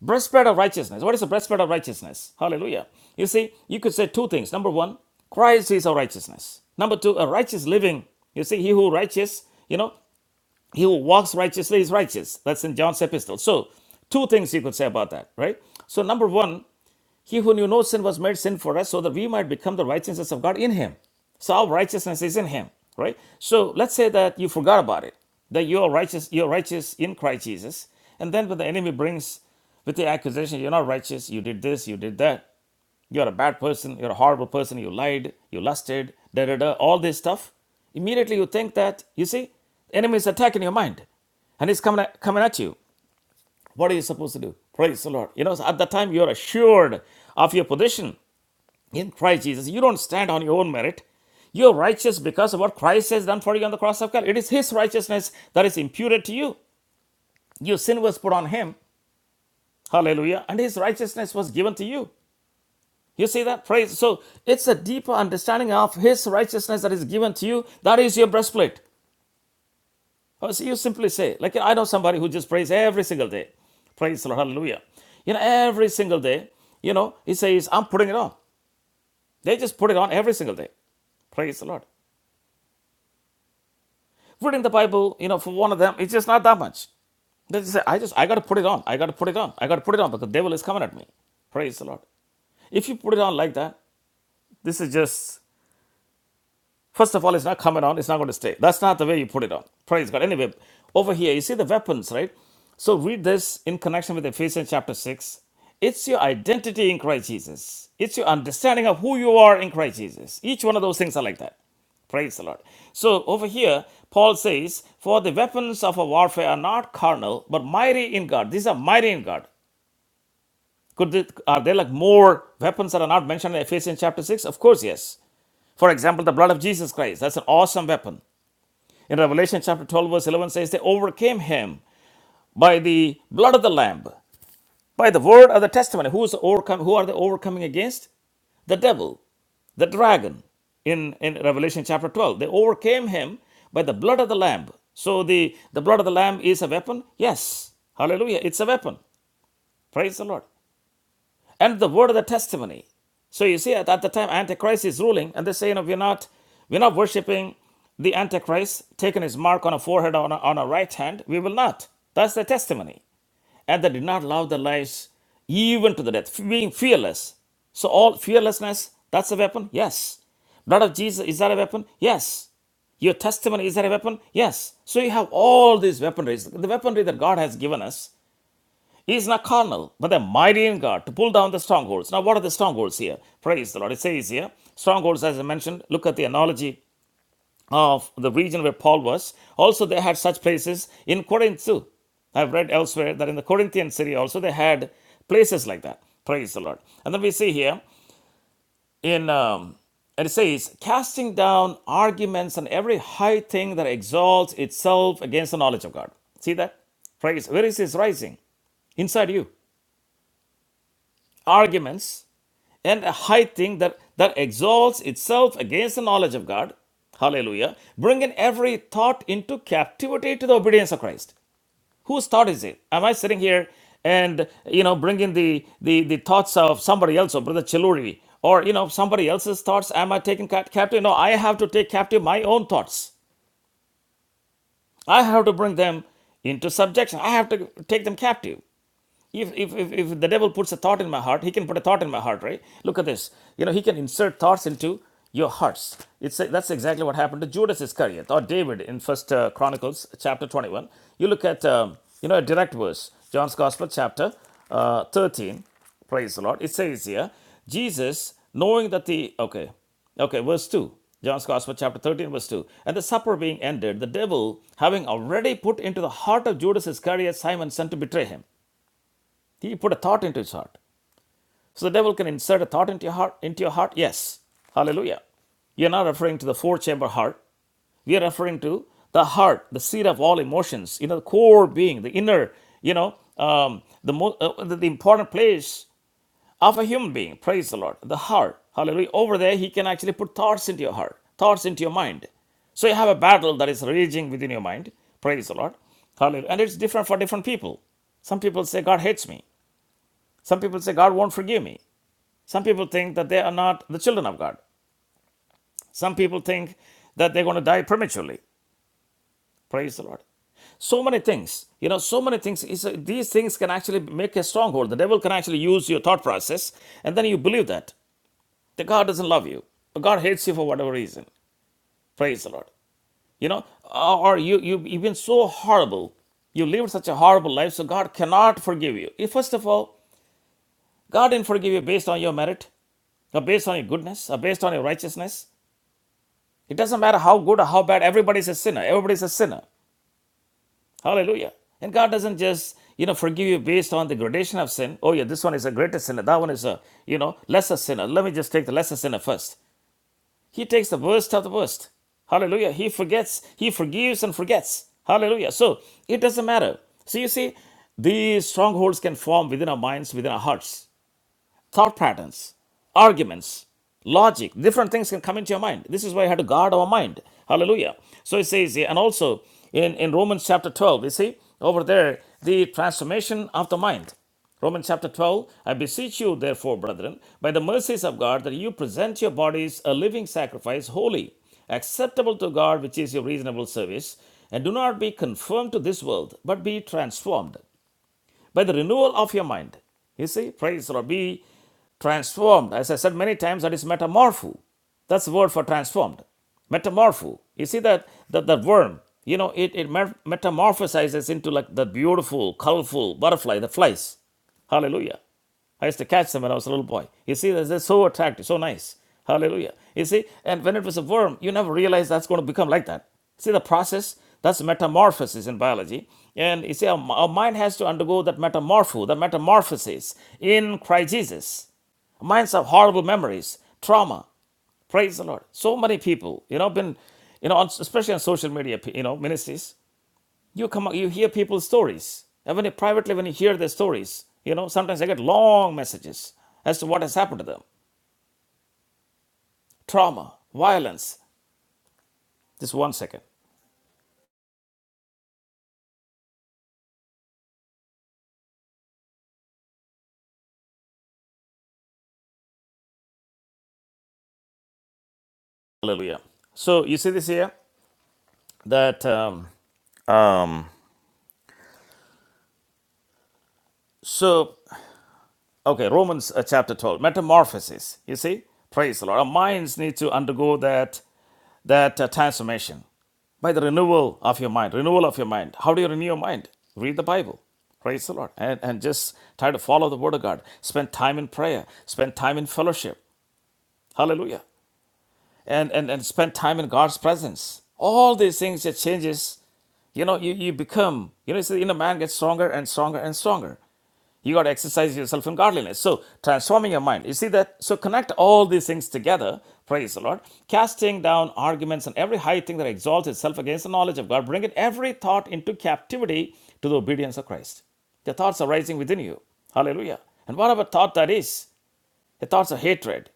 Speaker 1: Breastplate of righteousness. What is the breastplate of righteousness? Hallelujah. You see, you could say two things. Number one, Christ is our righteousness. Number two, a righteous living. You see, he who righteous, you know, he who walks righteously is righteous. That's in John's epistle. So, two things you could say about that, right? So, number one, he who knew no sin was made sin for us so that we might become the righteousness of God in him. So, our righteousness is in him, right? So, let's say that you forgot about it, that you are righteous, you're righteous in Christ Jesus. And then when the enemy brings with the accusation, you're not righteous, you did this, you did that, you're a bad person. You're a horrible person. You lied. You lusted. Da da da. All this stuff. Immediately you think that you see, the enemy is attacking your mind, and he's coming at, coming at you. What are you supposed to do? Praise the Lord. You know, so at that time you're assured of your position in Christ Jesus. You don't stand on your own merit. You're righteous because of what Christ has done for you on the cross of Calvary. It is His righteousness that is imputed to you. Your sin was put on Him. Hallelujah. And His righteousness was given to you. You see that? Praise. So it's a deeper understanding of His righteousness that is given to you. That is your breastplate. Oh, so you simply say, like I know somebody who just prays every single day. Praise the Lord. Hallelujah. You know, every single day, you know, he says, I'm putting it on. They just put it on every single day. Praise the Lord. Reading the Bible, you know, for one of them, it's just not that much. They just say, I just, I got to put it on. I got to put it on. I got to put it on because the devil is coming at me. Praise the Lord. If you put it on like that, this is just First of all, it's not coming on, it's not going to stay. That's not the way you put it on. Praise God. Anyway, over here, you see the weapons, right? So read this in connection with Ephesians chapter 6. It's your identity in Christ Jesus, it's your understanding of who you are in Christ Jesus. Each one of those things are like that. Praise the Lord. So over here, Paul says, For the weapons of our warfare are not carnal, but mighty in God. These are mighty in God. Could th- are there like more weapons that are not mentioned in Ephesians chapter 6? Of course, yes. For example, the blood of Jesus Christ. That's an awesome weapon. In Revelation chapter 12, verse 11 says, They overcame him by the blood of the Lamb, by the word of the testimony. Who, is overcome, who are they overcoming against? The devil, the dragon. In, in Revelation chapter 12, they overcame him by the blood of the Lamb. So the, the blood of the Lamb is a weapon? Yes. Hallelujah. It's a weapon. Praise the Lord. and the word of the testimony. So you see, at, at the time Antichrist is ruling, and they say, you know, we're not, we're not worshiping the Antichrist, taking his mark on a forehead or on on a right hand. We will not. That's the testimony. And they did not love their lives even to the death, being fearless. So all fearlessness, that's a weapon. Yes. Blood of Jesus, is that a weapon? Yes. Your testimony, is that a weapon? Yes. So you have all these weaponries, the weaponry that God has given us he is not carnal, but a mighty in God to pull down the strongholds. Now, what are the strongholds here? Praise the Lord. It says here, strongholds, as I mentioned, look at the analogy of the region where Paul was. Also, they had such places in Corinth too. I've read elsewhere that in the Corinthian city also they had places like that. Praise the Lord. And then we see here in um, and it says, casting down arguments and every high thing that exalts itself against the knowledge of God. See that? Praise. Where is this rising? Inside you. Arguments and a high thing that, that exalts itself against the knowledge of God. Hallelujah. Bringing every thought into captivity to the obedience of Christ. Whose thought is it? Am I sitting here and, you know, bringing the, the, the thoughts of somebody else, or Brother Chiluri, or, you know, somebody else's thoughts? Am I taking cap- captive? No, I have to take captive my own thoughts. I have to bring them into subjection. I have to take them captive. If, if, if, if the devil puts a thought in my heart, he can put a thought in my heart, right? Look at this. You know, he can insert thoughts into your hearts. It's a, that's exactly what happened to Judas Iscariot or David in First uh, Chronicles chapter 21. You look at, um, you know, a direct verse, John's Gospel chapter uh, 13. Praise the Lord. It says here, Jesus, knowing that the, okay, Okay, verse 2. John's Gospel, chapter 13, verse 2. And the supper being ended, the devil, having already put into the heart of Judas Iscariot, Simon, son to betray him. He put a thought into his heart. So the devil can insert a thought into your heart. Into your heart, yes. Hallelujah. You're not referring to the four-chamber heart. We are referring to the heart, the seat of all emotions. You know, the core being, the inner. You know, um, the, mo- uh, the the important place of a human being. Praise the Lord. The heart. Hallelujah. Over there, he can actually put thoughts into your heart, thoughts into your mind. So you have a battle that is raging within your mind. Praise the Lord. Hallelujah. And it's different for different people. Some people say, God hates me. Some people say God won't forgive me. Some people think that they are not the children of God. Some people think that they're going to die prematurely. Praise the Lord. So many things, you know, so many things. uh, these things can actually make a stronghold. The devil can actually use your thought process, and then you believe that that God doesn't love you, or God hates you for whatever reason. Praise the Lord. You know, or you, you you've been so horrible you lived such a horrible life, so God cannot forgive you. First of all, God didn't forgive you based on your merit, or based on your goodness, or based on your righteousness. It doesn't matter how good or how bad, everybody's a sinner. Everybody's a sinner. Hallelujah. And God doesn't just, you know, forgive you based on the gradation of sin. Oh, yeah, this one is a greater sinner. That one is a, you know, lesser sinner. Let me just take the lesser sinner first. He takes the worst of the worst. Hallelujah. He forgets, he forgives and forgets. Hallelujah. So it doesn't matter. So you see, these strongholds can form within our minds, within our hearts thought patterns, arguments, logic, different things can come into your mind. This is why you have to guard our mind. Hallelujah. So it says, here, and also in, in Romans chapter 12, you see over there, the transformation of the mind. Romans chapter 12, I beseech you, therefore, brethren, by the mercies of God, that you present your bodies a living sacrifice, holy, acceptable to God, which is your reasonable service, and do not be conformed to this world, but be transformed by the renewal of your mind. You see, praise or be transformed. As I said many times, that is metamorpho. That's the word for transformed. Metamorpho. You see that that, that worm, you know, it, it metamorphosizes into like the beautiful, colorful butterfly that flies. Hallelujah. I used to catch them when I was a little boy. You see, they're so attractive, so nice. Hallelujah. You see, and when it was a worm, you never realize that's going to become like that. See the process? That's metamorphosis in biology. And you see, our, our mind has to undergo that metamorpho, the metamorphosis in Christ Jesus. Minds have horrible memories, trauma. Praise the Lord. So many people, you know, been, you know, especially on social media, you know, ministries you come you hear people's stories and when you privately when you hear their stories you know sometimes i get long messages as to what has happened to them trauma violence just one second hallelujah so you see this here that um, um so okay romans uh, chapter 12 metamorphosis you see praise the lord our minds need to undergo that that uh, transformation by the renewal of your mind. Renewal of your mind. How do you renew your mind? Read the Bible. Praise the Lord. And, and just try to follow the Word of God. Spend time in prayer. Spend time in fellowship. Hallelujah. And, and, and spend time in God's presence. All these things, it changes. You know, you, you become, you know, it's the inner man gets stronger and stronger and stronger. You got to exercise yourself in godliness. So, transforming your mind. You see that? So, connect all these things together. Praise the Lord. Casting down arguments and every high thing that exalts itself against the knowledge of God, bringing every thought into captivity to the obedience of Christ. The thoughts are rising within you. Hallelujah. And whatever thought that is, the thoughts of hatred,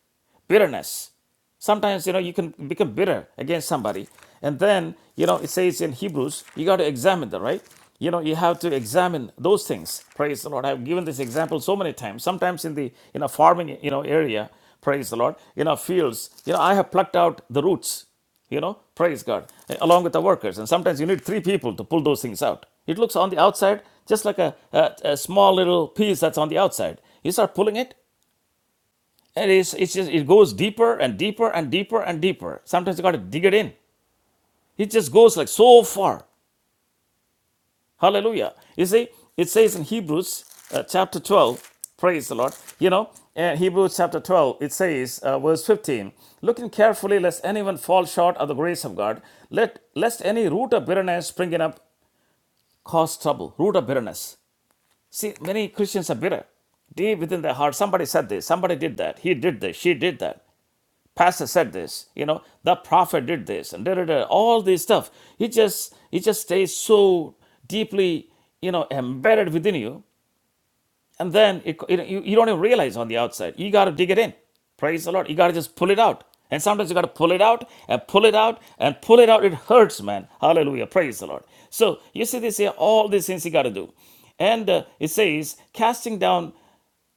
Speaker 1: bitterness. Sometimes, you know, you can become bitter against somebody. And then, you know, it says in Hebrews, you got to examine that, right? You know, you have to examine those things. Praise the Lord. I've given this example so many times. Sometimes in the in a farming, you know, area, praise the Lord, in our fields, you know, I have plucked out the roots you know praise god eh, along with the workers and sometimes you need three people to pull those things out it looks on the outside just like a, a, a small little piece that's on the outside you start pulling it and it's, it's just, it goes deeper and deeper and deeper and deeper. Sometimes you got to dig it in. It just goes like so far. Hallelujah. You see, it says in Hebrews uh, chapter 12, praise the Lord. You know, in Hebrews chapter 12, it says, uh, verse 15, looking carefully lest anyone fall short of the grace of God, let lest any root of bitterness springing up cause trouble. Root of bitterness. See, many Christians are bitter deep within their heart somebody said this somebody did that he did this she did that pastor said this you know the prophet did this and da, da, da, all this stuff it just it just stays so deeply you know embedded within you and then it, it, you, you don't even realize on the outside you got to dig it in praise the lord you got to just pull it out and sometimes you got to pull it out and pull it out and pull it out it hurts man hallelujah praise the lord so you see this here all these things you got to do and uh, it says casting down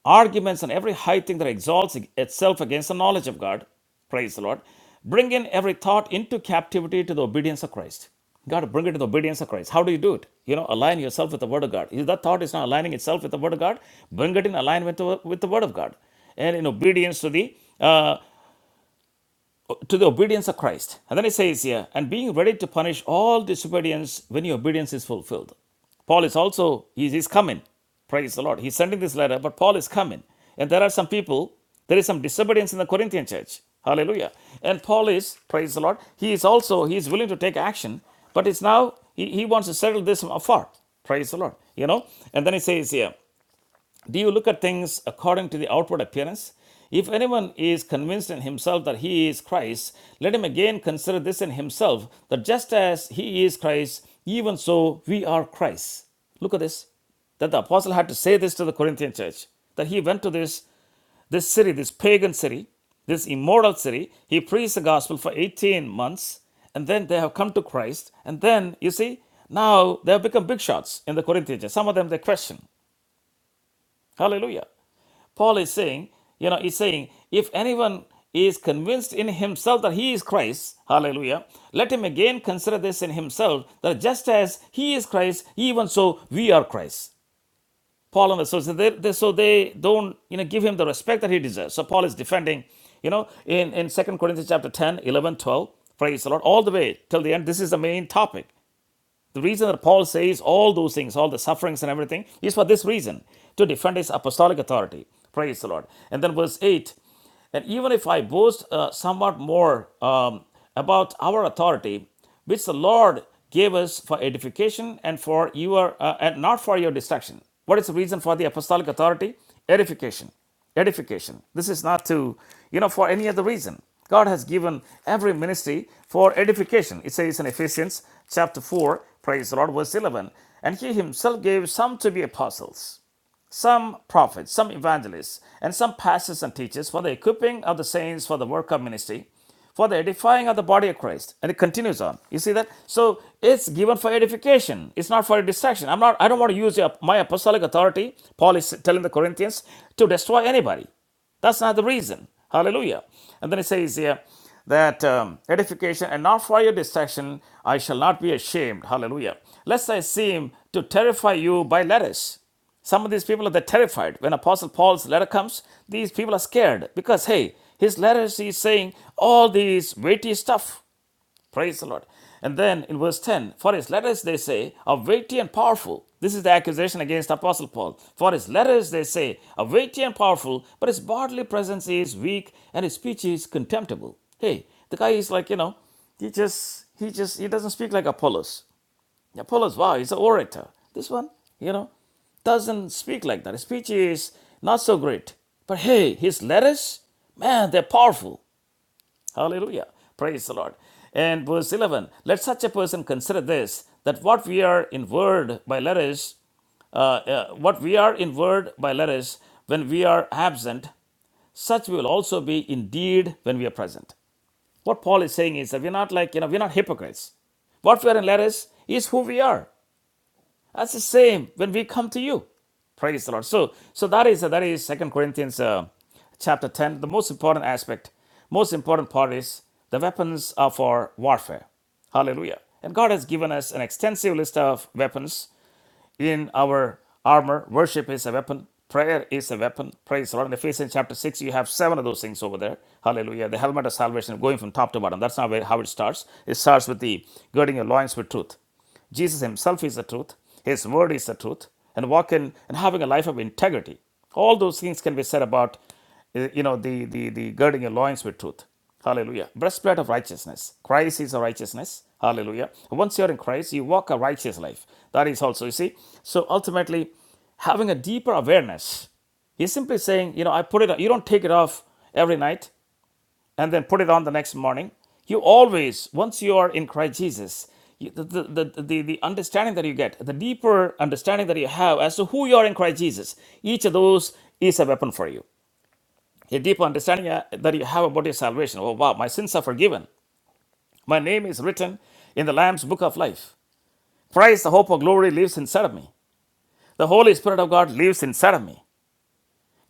Speaker 1: arguments and every high thing that exalts itself against the knowledge of God. Praise the Lord. Bring in every thought into captivity to the obedience of Christ. Gotta bring it to the obedience of Christ. How do you do it? You know, align yourself with the Word of God. If that thought is not aligning itself with the Word of God, bring it in alignment with the Word of God and in obedience to the uh, to the obedience of Christ. And then it says here, and being ready to punish all disobedience when your obedience is fulfilled. Paul is also, he is coming. Praise the Lord. He's sending this letter, but Paul is coming. And there are some people, there is some disobedience in the Corinthian church. Hallelujah. And Paul is, praise the Lord, he is also, he is willing to take action, but it's now, he, he wants to settle this from afar. Praise the Lord. You know? And then he says here, do you look at things according to the outward appearance? If anyone is convinced in himself that he is Christ, let him again consider this in himself that just as he is Christ, even so we are Christ. Look at this. That the apostle had to say this to the Corinthian church. That he went to this this city, this pagan city, this immoral city, he preached the gospel for 18 months, and then they have come to Christ. And then, you see, now they have become big shots in the Corinthian church. Some of them they question. Hallelujah. Paul is saying, you know, he's saying, if anyone is convinced in himself that he is Christ, hallelujah, let him again consider this in himself that just as he is Christ, even so we are Christ. Paul and the so so they, they- so they don't you know give him the respect that he deserves. So Paul is defending, you know, in in Second Corinthians chapter 10, 11, 12, praise the Lord, all the way till the end. This is the main topic. The reason that Paul says all those things, all the sufferings and everything, is for this reason to defend his apostolic authority. Praise the Lord. And then verse 8 And even if I boast uh, somewhat more um, about our authority, which the Lord gave us for edification and for your uh, and not for your destruction. What is the reason for the apostolic authority? Edification edification. This is not to, you know, for any other reason. God has given every ministry for edification. It says in Ephesians chapter 4, praise the Lord, verse 11, and he himself gave some to be apostles some prophets, some evangelists, and some pastors and teachers for the equipping of the saints for the work of ministry, for the edifying of the body of Christ. And it continues on. You see that? So it's given for edification. It's not for a distraction. I'm not I don't want to use your, my apostolic authority, Paul is telling the Corinthians, to destroy anybody. That's not the reason. Hallelujah. And then it says here that um, edification and not for your destruction, I shall not be ashamed. Hallelujah. Lest I seem to terrify you by letters. Some of these people they're terrified. When Apostle Paul's letter comes, these people are scared because hey, his letters he's saying all these weighty stuff. Praise the Lord. And then in verse 10, for his letters they say are weighty and powerful. This is the accusation against Apostle Paul. For his letters they say are weighty and powerful, but his bodily presence is weak and his speech is contemptible. Hey, the guy is like, you know, he just he just he doesn't speak like Apollos. Apollos, wow, he's an orator. This one, you know, doesn't speak like that. His speech is not so great. But hey, his letters, man, they're powerful. Hallelujah. Praise the Lord. And verse 11, let such a person consider this, that what we are in word by letters, uh, uh, what we are in word by letters when we are absent, such we will also be indeed when we are present. What Paul is saying is that we're not like, you know, we're not hypocrites. What we are in letters is who we are. That's the same when we come to you. Praise the Lord. So, so that is that is Second Corinthians uh, chapter ten. The most important aspect, most important part is the weapons are for warfare. Hallelujah. And God has given us an extensive list of weapons in our armor. Worship is a weapon. Prayer is a weapon. Praise the Lord. In Ephesians chapter 6, you have seven of those things over there. Hallelujah. The helmet of salvation going from top to bottom. That's not where- how it starts. It starts with the girding your loins with truth. Jesus himself is the truth, his word is the truth, and walking and having a life of integrity. All those things can be said about uh, you know the the, the girding your loins with truth. Hallelujah. Breastplate of righteousness. Christ is a righteousness. Hallelujah. Once you're in Christ, you walk a righteous life. That is also, you see. So ultimately, having a deeper awareness. He's simply saying, you know, I put it, you don't take it off every night and then put it on the next morning. You always, once you are in Christ Jesus, you, the, the, the, the, the understanding that you get, the deeper understanding that you have as to who you are in Christ Jesus, each of those is a weapon for you. A deeper understanding uh, that you have about your salvation. Oh, wow, my sins are forgiven. My name is written in the Lamb's book of life. Christ, the hope of glory, lives inside of me. The Holy Spirit of God lives inside of me.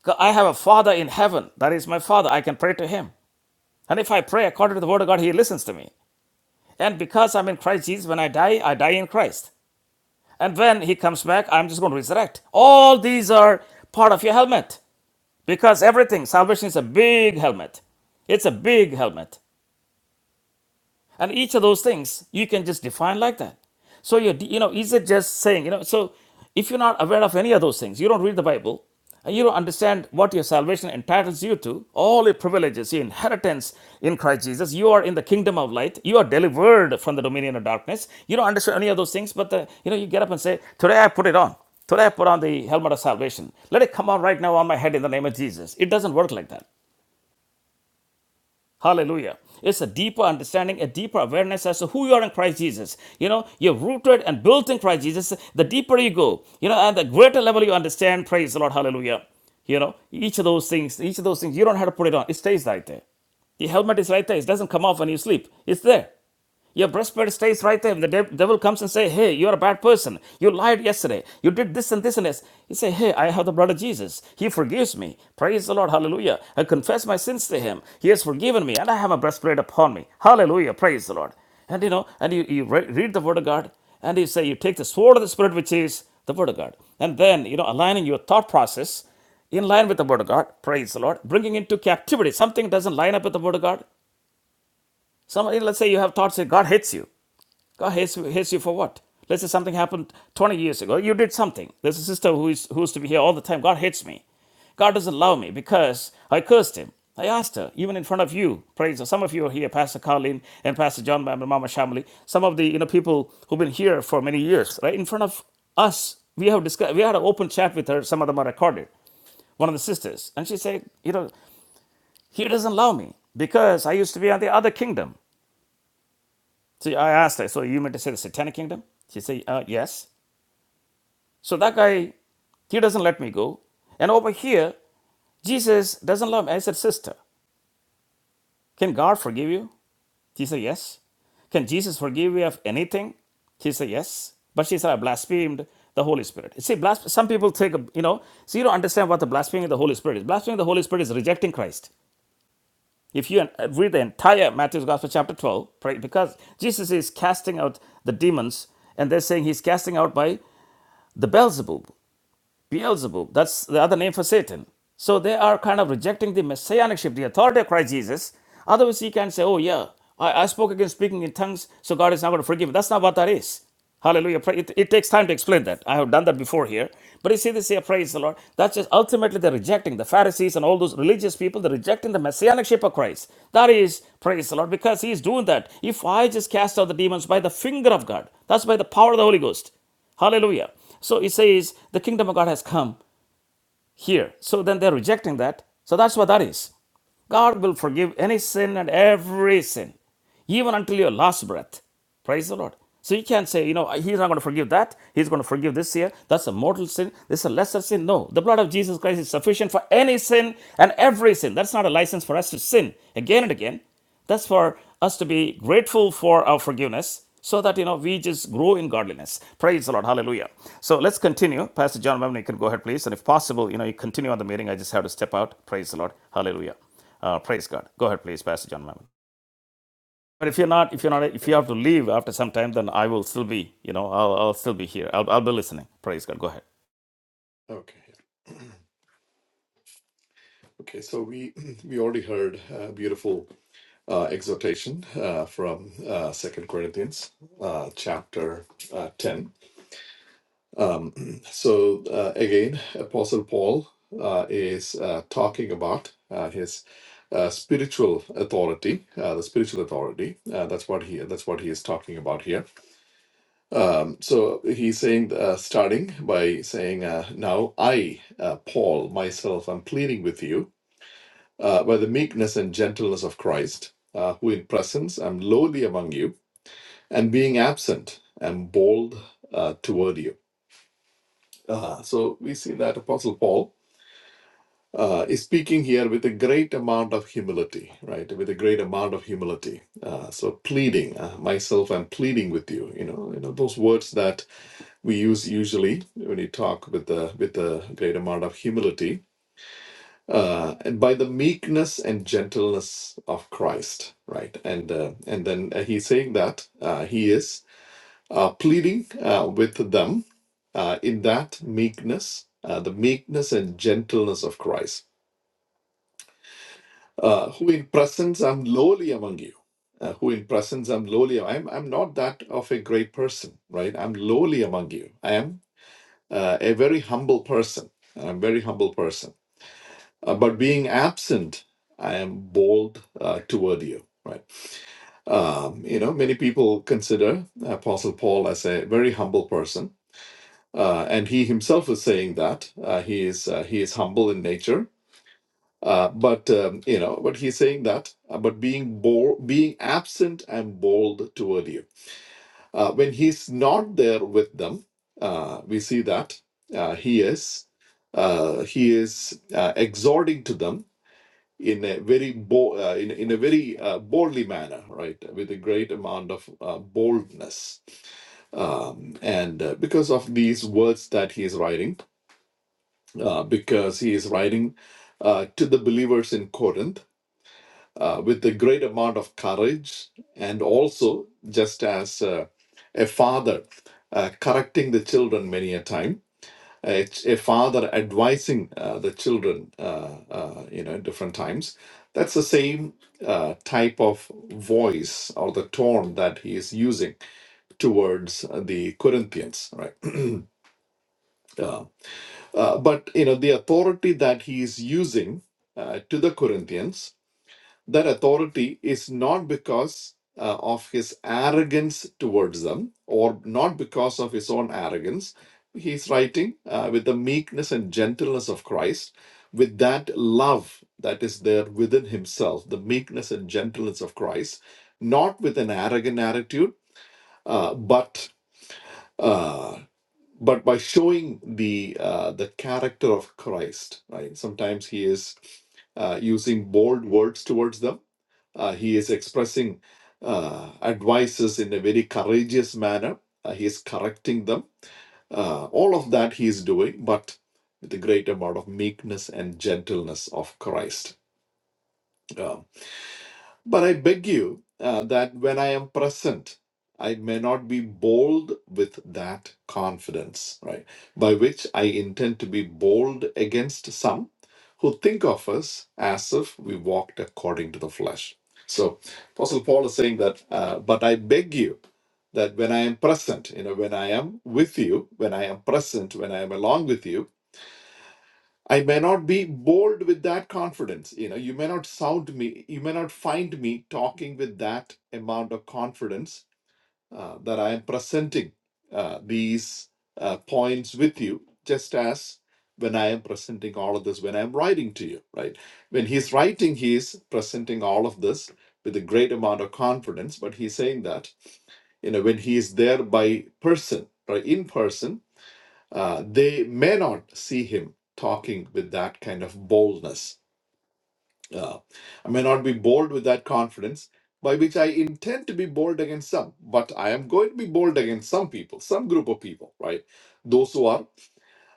Speaker 1: God, I have a Father in heaven. That is my Father. I can pray to Him. And if I pray according to the Word of God, He listens to me. And because I'm in Christ Jesus, when I die, I die in Christ. And when He comes back, I'm just going to resurrect. All these are part of your helmet because everything, salvation is a big helmet. It's a big helmet and each of those things you can just define like that so you you know is it just saying you know so if you're not aware of any of those things you don't read the bible and you don't understand what your salvation entitles you to all your privileges your inheritance in christ jesus you are in the kingdom of light you are delivered from the dominion of darkness you don't understand any of those things but the, you know you get up and say today i put it on Today I put on the helmet of salvation. Let it come on right now on my head in the name of Jesus. It doesn't work like that. Hallelujah. It's a deeper understanding, a deeper awareness as to who you are in Christ Jesus. You know, you're rooted and built in Christ Jesus. The deeper you go, you know, and the greater level you understand, praise the Lord, hallelujah. You know, each of those things, each of those things, you don't have to put it on. It stays right there. The helmet is right there. It doesn't come off when you sleep. It's there. Your breastplate stays right there. When the devil comes and say, "Hey, you're a bad person. You lied yesterday. You did this and this and this," you say, "Hey, I have the blood of Jesus. He forgives me. Praise the Lord. Hallelujah. I confess my sins to Him. He has forgiven me, and I have a breastplate upon me. Hallelujah. Praise the Lord." And you know, and you, you re- read the Word of God, and you say, "You take the sword of the Spirit, which is the Word of God," and then you know, aligning your thought process in line with the word of God, praise the Lord, bringing into captivity something doesn't line up with the word of God. Somebody, let's say you have thoughts that God hates you. God hates, hates you for what? Let's say something happened 20 years ago. You did something. There's a sister who, is, who used to be here all the time. God hates me. God doesn't love me because I cursed him. I asked her, even in front of you, praise the- Some of you are here, Pastor Colleen and Pastor John Bam and Mama Shamali. Some of the you know people who've been here for many years, right? In front of us, we have discussed, we had an open chat with her. Some of them are recorded. One of the sisters, and she said, you know, he doesn't love me because I used to be on the other kingdom. So I asked her, so you meant to say the satanic kingdom? She said, uh, yes. So that guy, he doesn't let me go. And over here, Jesus doesn't love me. I said, Sister, can God forgive you? She said, Yes. Can Jesus forgive you of anything? She said, Yes. But she said, I blasphemed the Holy Spirit. See, blas- some people take, a, you know, so you don't understand what the blaspheming of the Holy Spirit is. Blaspheming of the Holy Spirit is rejecting Christ. If you uh, read the entire Matthew's Gospel, chapter 12, right, because Jesus is casting out the demons, and they're saying he's casting out by the Beelzebub, Beelzebub, that's the other name for Satan. So they are kind of rejecting the messianicship, the authority of Christ Jesus. Otherwise, he can say, Oh, yeah, I, I spoke against speaking in tongues, so God is not going to forgive me. That's not what that is. Hallelujah. Pra- It, it takes time to explain that. I have done that before here. But you see this here, praise the Lord. That's just ultimately they're rejecting the Pharisees and all those religious people, they're rejecting the messianicship of Christ. That is, praise the Lord, because he is doing that. If I just cast out the demons by the finger of God, that's by the power of the Holy Ghost. Hallelujah. So it says the kingdom of God has come here. So then they're rejecting that. So that's what that is. God will forgive any sin and every sin, even until your last breath. Praise the Lord. So you can't say, you know, he's not going to forgive that. He's going to forgive this here. That's a mortal sin. This is a lesser sin. No, the blood of Jesus Christ is sufficient for any sin and every sin. That's not a license for us to sin again and again. That's for us to be grateful for our forgiveness so that, you know, we just grow in godliness. Praise the Lord. Hallelujah. So let's continue. Pastor John Mamman, you can go ahead, please. And if possible, you know, you continue on the meeting. I just have to step out. Praise the Lord. Hallelujah. Uh, praise God. Go ahead, please, Pastor John Mamman. But if you're not, if you're not,
Speaker 3: Okay.
Speaker 1: if you
Speaker 3: Thank you.
Speaker 1: have to leave after some time, then I will still be, you know, I'll, I'll still be here. I'll, I'll be listening. Praise God. Go ahead.
Speaker 3: Okay. yeah. Okay. So we we already heard a beautiful uh, exhortation uh, from uh, Second Corinthians uh, chapter uh, ten. Um, so uh, again, Apostle Paul uh, is uh, talking about uh, his uh, spiritual authority, uh, the spiritual authority. Uh, that's what he that's what he is talking about here. Um, so he's saying, uh, starting by saying, uh, "Now I, uh, Paul, myself, am pleading with you uh, by the meekness and gentleness of Christ, uh, who in presence am lowly among you, and being absent am bold uh, toward you." Uh, so we see that Apostle Paul uh, is speaking here with a great amount of humility, right? With a great amount of humility. Uh, so pleading, uh, myself, I'm pleading with you. You know, you know those words that we use usually when you talk with the with a great amount of humility. Uh, and by the meekness and gentleness of Christ, right? And uh, and then uh, he's saying that uh, he is uh, pleading uh, with them uh, in that meekness, uh, the meekness and gentleness of Christ uh, who in presence I'm lowly among you, uh, who in presence I'm lowly. I'm I'm not that of a great person, right? I'm lowly among you. I am uh, a very humble person. I'm a very humble person. Uh, but being absent, I am bold uh, toward you, right? Um, you know, many people consider Apostle Paul as a very humble person. Uh, and he himself is saying that uh, he is uh, he is humble in nature, Uh, but um, you know, but he's saying that about being bold, being absent and bold toward you. Uh, when he's not there with them, uh, we see that uh, he is uh, he is uh, exhorting to them in a very bo- uh, in, in a very uh, boldly manner, right, with a great amount of uh, boldness, um, and uh, because of these words that he is writing, uh, because he is writing uh, to the believers in Corinth uh, with a great amount of courage and also just as uh, a father uh, correcting the children many a time a, a father advising uh, the children uh, uh, you know different times that's the same uh, type of voice or the tone that he is using towards uh, the corinthians right uh, uh, but you know the authority that he is using uh, to the corinthians that authority is not because uh, of his arrogance towards them or not because of his own arrogance. He's writing uh, with the meekness and gentleness of Christ, with that love that is there within himself, the meekness and gentleness of Christ, not with an arrogant attitude, uh, but uh, but by showing the uh, the character of Christ. Right? Sometimes he is uh, using bold words towards them uh, he is expressing uh, advices in a very courageous manner. Uh, he is correcting them. Uh, all of that he is doing, but with a great amount of meekness and gentleness of Christ. Um, but I beg you uh, that when I am present, I may not be bold with that confidence, right? By which I intend to be bold against some who think of us as if we walked according to the flesh. So, Apostle Paul is saying that, uh, but I beg you that when I am present, you know, when I am with you, when I am present, when I am along with you, I may not be bold with that confidence. You know, you may not sound me, you may not find me talking with that amount of confidence uh, that I am presenting uh, these uh, points with you, just as when I am presenting all of this, when I'm writing to you, right? When he's writing, he's presenting all of this with a great amount of confidence, but he's saying that, you know, when he is there by person, right, in person, uh, they may not see him talking with that kind of boldness. Uh, I may not be bold with that confidence, by which I intend to be bold against some, but I am going to be bold against some people, some group of people, right? Those who are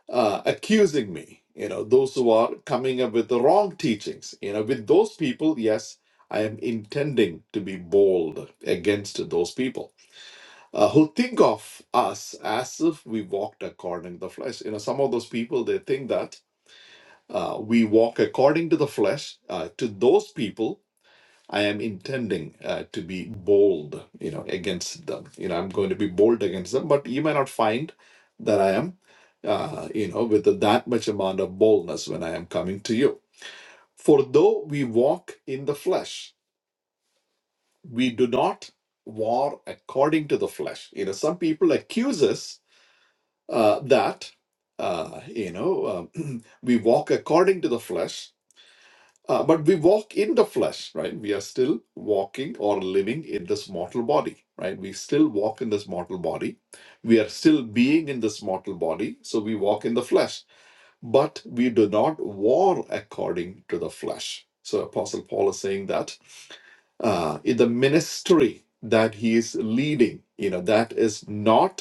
Speaker 3: uh, accusing me, you know, those who are coming up with the wrong teachings, you know, with those people, yes, I am intending to be bold against those people uh, who think of us as if we walked according to the flesh. You know, some of those people they think that uh, we walk according to the flesh. Uh, to those people, I am intending uh, to be bold. You know, against them. You know, I'm going to be bold against them. But you may not find that I am. Uh, you know, with that much amount of boldness when I am coming to you. For though we walk in the flesh, we do not war according to the flesh. You know, some people accuse us uh, that uh, you know um, we walk according to the flesh uh, but we walk in the flesh right we are still walking or living in this mortal body right we still walk in this mortal body we are still being in this mortal body so we walk in the flesh but we do not war according to the flesh so apostle paul is saying that uh, in the ministry that he is leading you know that is not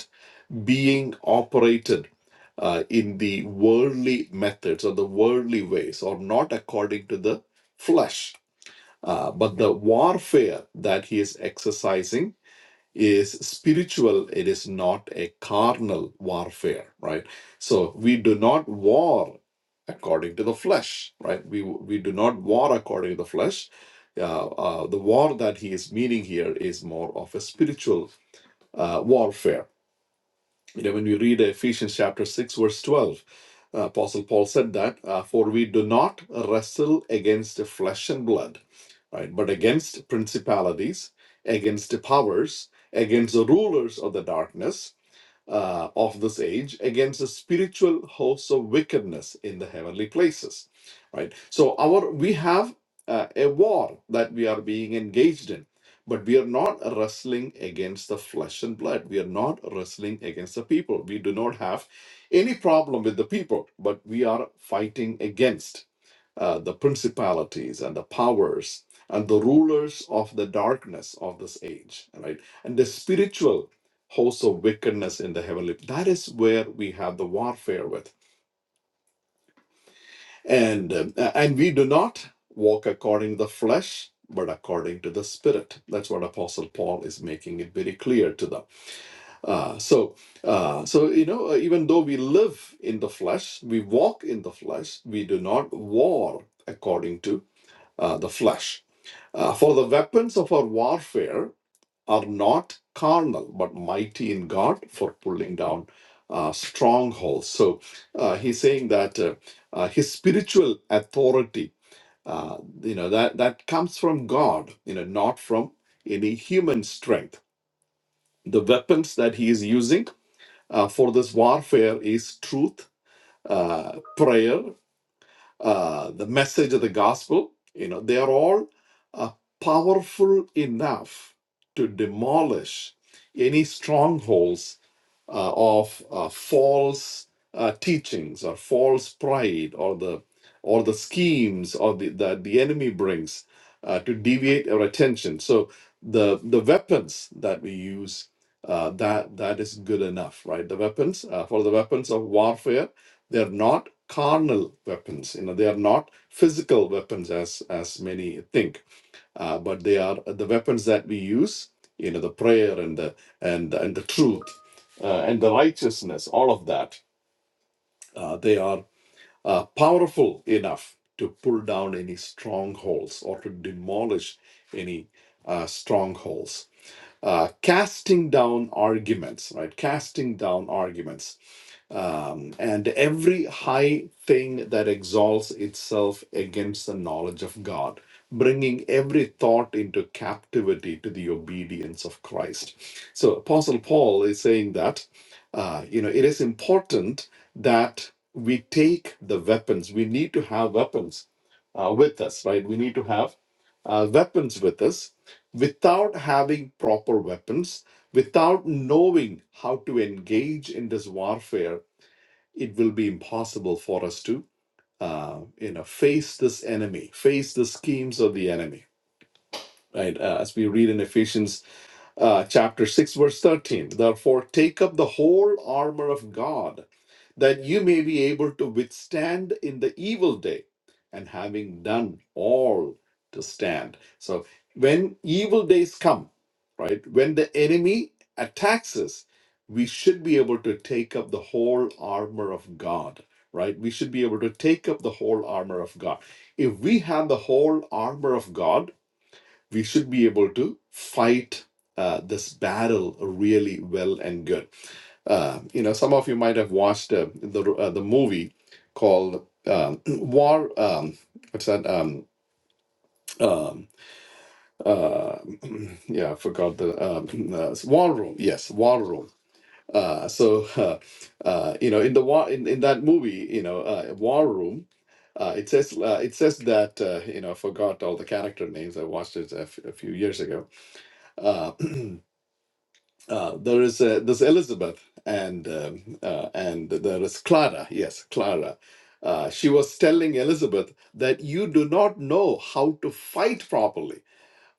Speaker 3: being operated uh, in the worldly methods or the worldly ways or not according to the flesh. Uh, but the warfare that he is exercising is spiritual, it is not a carnal warfare, right? So we do not war according to the flesh, right? We, we do not war according to the flesh. Uh, uh, the war that he is meaning here is more of a spiritual uh, warfare you know, when we read Ephesians chapter 6, verse 12, uh, Apostle Paul said that, uh, for we do not wrestle against flesh and blood, right, but against principalities, against powers, against the rulers of the darkness uh, of this age against the spiritual hosts of wickedness in the heavenly places right so our we have uh, a war that we are being engaged in but we are not wrestling against the flesh and blood we are not wrestling against the people we do not have any problem with the people but we are fighting against uh, the principalities and the powers and the rulers of the darkness of this age, right? And the spiritual hosts of wickedness in the heavenly. That is where we have the warfare with, and um, uh, and we do not walk according to the flesh. But according to the Spirit, that's what Apostle Paul is making it very clear to them. Uh, so, uh, so you know, uh, even though we live in the flesh, we walk in the flesh. We do not war according to uh, the flesh Uh, for the weapons of our warfare are not carnal, but mighty in God for pulling down uh, strongholds. So uh, he's saying that uh, uh, his spiritual authority, uh, you know, that, that comes from God, you know, not from any human strength. The weapons that he is using uh, for this warfare is truth, uh, prayer, uh, the message of the gospel, you know, they are all uh, powerful enough to demolish any strongholds uh, of uh, false uh, teachings or false pride or the or the schemes or the, that the enemy brings uh, to deviate our attention. So the the weapons that we use uh, that that is good enough, right? The weapons uh, for the weapons of warfare they are not carnal weapons. You know they are not physical weapons as as many think uh, but they are uh, the weapons that we use you know the prayer and the and and the truth uh, and the righteousness all of that uh, they are uh, powerful enough to pull down any strongholds or to demolish any uh, strongholds uh, casting down arguments right casting down arguments um, and every high thing that exalts itself against the knowledge of God, bringing every thought into captivity to the obedience of Christ. So, Apostle Paul is saying that, uh, you know, it is important that we take the weapons. We need to have weapons uh, with us, right? We need to have uh, weapons with us without having proper weapons, without knowing how to engage in this warfare it will be impossible for us to uh, you know face this enemy face the schemes of the enemy right Uh, as we read in ephesians uh, chapter 6, verse 13. Therefore, take up the whole armor of God, that you may be able to withstand in the evil day, and having done all to stand. So, when evil days come, right, when the enemy attacks us, we should be able to take up the whole armor of God, right? We should be able to take up the whole armor of God. If we have the whole armor of God, we should be able to fight uh, this battle really well and good. Uh, you know, some of you might have watched uh, the uh, the movie called um, War. Um, what's that? Um, um, uh, yeah, I forgot the um, uh, War Room. Yes, War Room. Uh, so uh, uh, you know, in the war in, in that movie, you know, uh, War Room. Uh, it says uh, it says that uh, you know I forgot all the character names. I watched it a f- a few years ago. Uh, uh, there is uh, this Elizabeth and um, uh, and there is Clara. Yes, Clara. Uh, she was telling Elizabeth that you do not know how to fight properly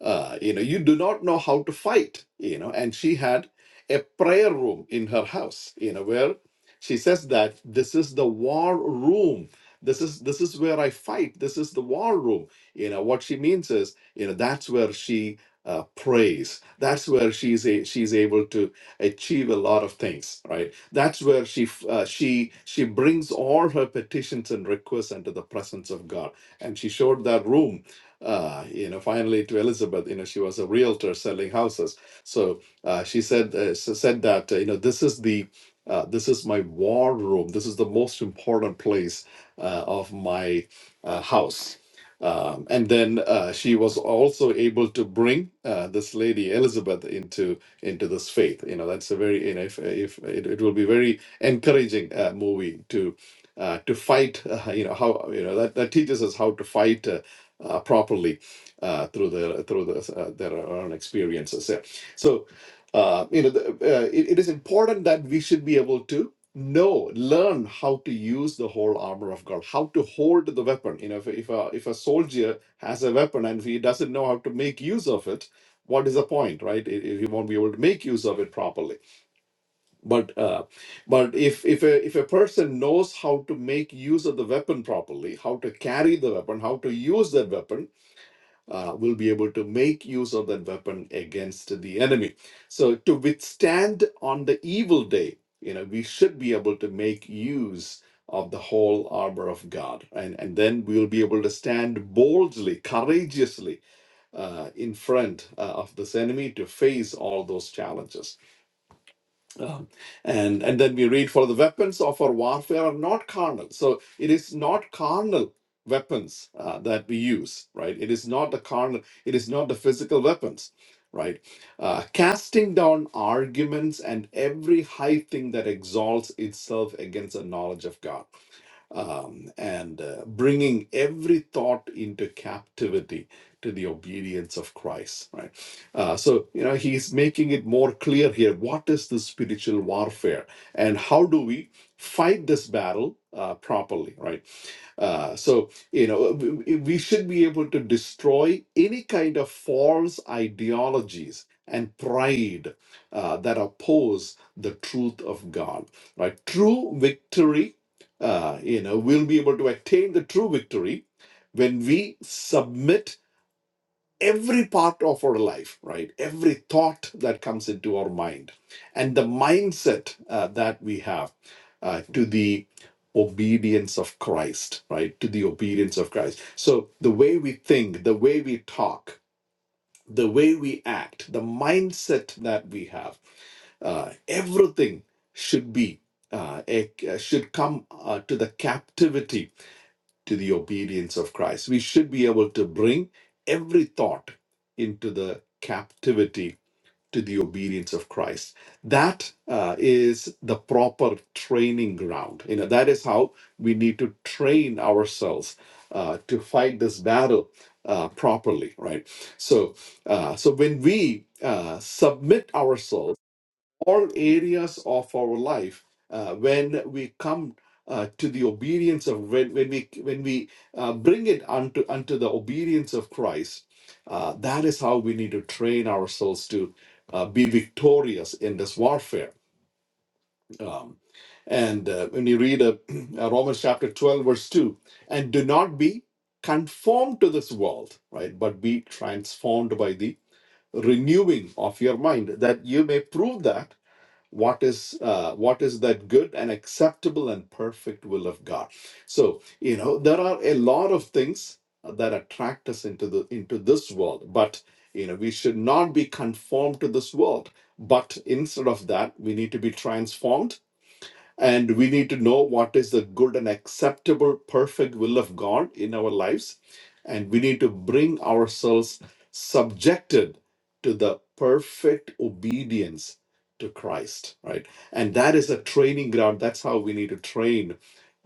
Speaker 3: uh, you know you do not know how to fight you know and she had a prayer room in her house you know where she says that this is the war room this is this is where i fight this is the war room you know what she means is you know that's where she uh, prays that's where she's a, she's able to achieve a lot of things right that's where she f- uh, she she brings all her petitions and requests into the presence of god and she showed that room uh, you know, finally to Elizabeth, you know, she was a realtor selling houses. So uh, she said uh, s- said that uh, you know this is the uh, this is my war room. This is the most important place uh, of my uh, house. Um, and then uh, she was also able to bring uh, this lady Elizabeth into into this faith. You know, that's a very you know, if, if it, it will be very encouraging uh, movie to uh, to fight. Uh, you know how you know that, that teaches us how to fight uh, uh, properly uh, through their through the, uh, their own experiences. Yeah. So, uh, you know, the, uh, it, it is important that we should be able to know, learn how to use the whole armor of God, how to hold the weapon. You know, if if a, if a soldier has a weapon and he doesn't know how to make use of it. What is the point, right? If if he won't be able to make use of it properly, but uh, but if if a if a person knows how to make use of the weapon properly, how to carry the weapon, how to use that weapon, uh, will be able to make use of that weapon against the enemy. So, to withstand on the evil day, you know, we should be able to make use of the whole armor of God. And, and then we will be able to stand boldly, courageously uh, in front uh, of this enemy to face all those challenges. Um, and and then we read for the weapons of our warfare are not carnal so it is not carnal weapons uh, that we use right it is not the carnal it is not the physical weapons right uh, casting down arguments and every high thing that exalts itself against the knowledge of god um, and uh, bringing every thought into captivity to the obedience of Christ, right? Uh, so, you know, he's making it more clear here what is the spiritual warfare and how do we fight this battle uh, properly, right? Uh, so, you know, we, we should be able to destroy any kind of false ideologies and pride uh, that oppose the truth of God, right? True victory, uh, you know, we'll be able to attain the true victory when we submit every part of our life, right? Every thought that comes into our mind and the mindset uh, that we have uh, to the obedience of Christ, right? To the obedience of Christ. So the way we think, the way we talk, the way we act, the mindset that we have, uh, everything should be. Uh, a- uh, should come uh, to the captivity to the obedience of Christ. We should be able to bring every thought into the captivity to the obedience of Christ. That uh, is the proper training ground. You know, that is how we need to train ourselves uh, to fight this battle uh, properly, right? So, uh, so when we uh, submit ourselves all areas of our life uh, when we come uh, to the obedience of when, when we when we uh, bring it unto unto the obedience of Christ uh, that is how we need to train ourselves to uh, be victorious in this warfare um, and uh, when you read uh, uh, Romans chapter 12 verse 2 and do not be conformed to this world right but be transformed by the renewing of your mind that you may prove that what is uh, what is that good and acceptable and perfect will of god so you know there are a lot of things that attract us into the into this world but you know we should not be conformed to this world but instead of that we need to be transformed and we need to know what is the good and acceptable, perfect will of God in our lives. And we need to bring ourselves subjected to the perfect obedience to Christ, right? And that is a training ground. That's how we need to train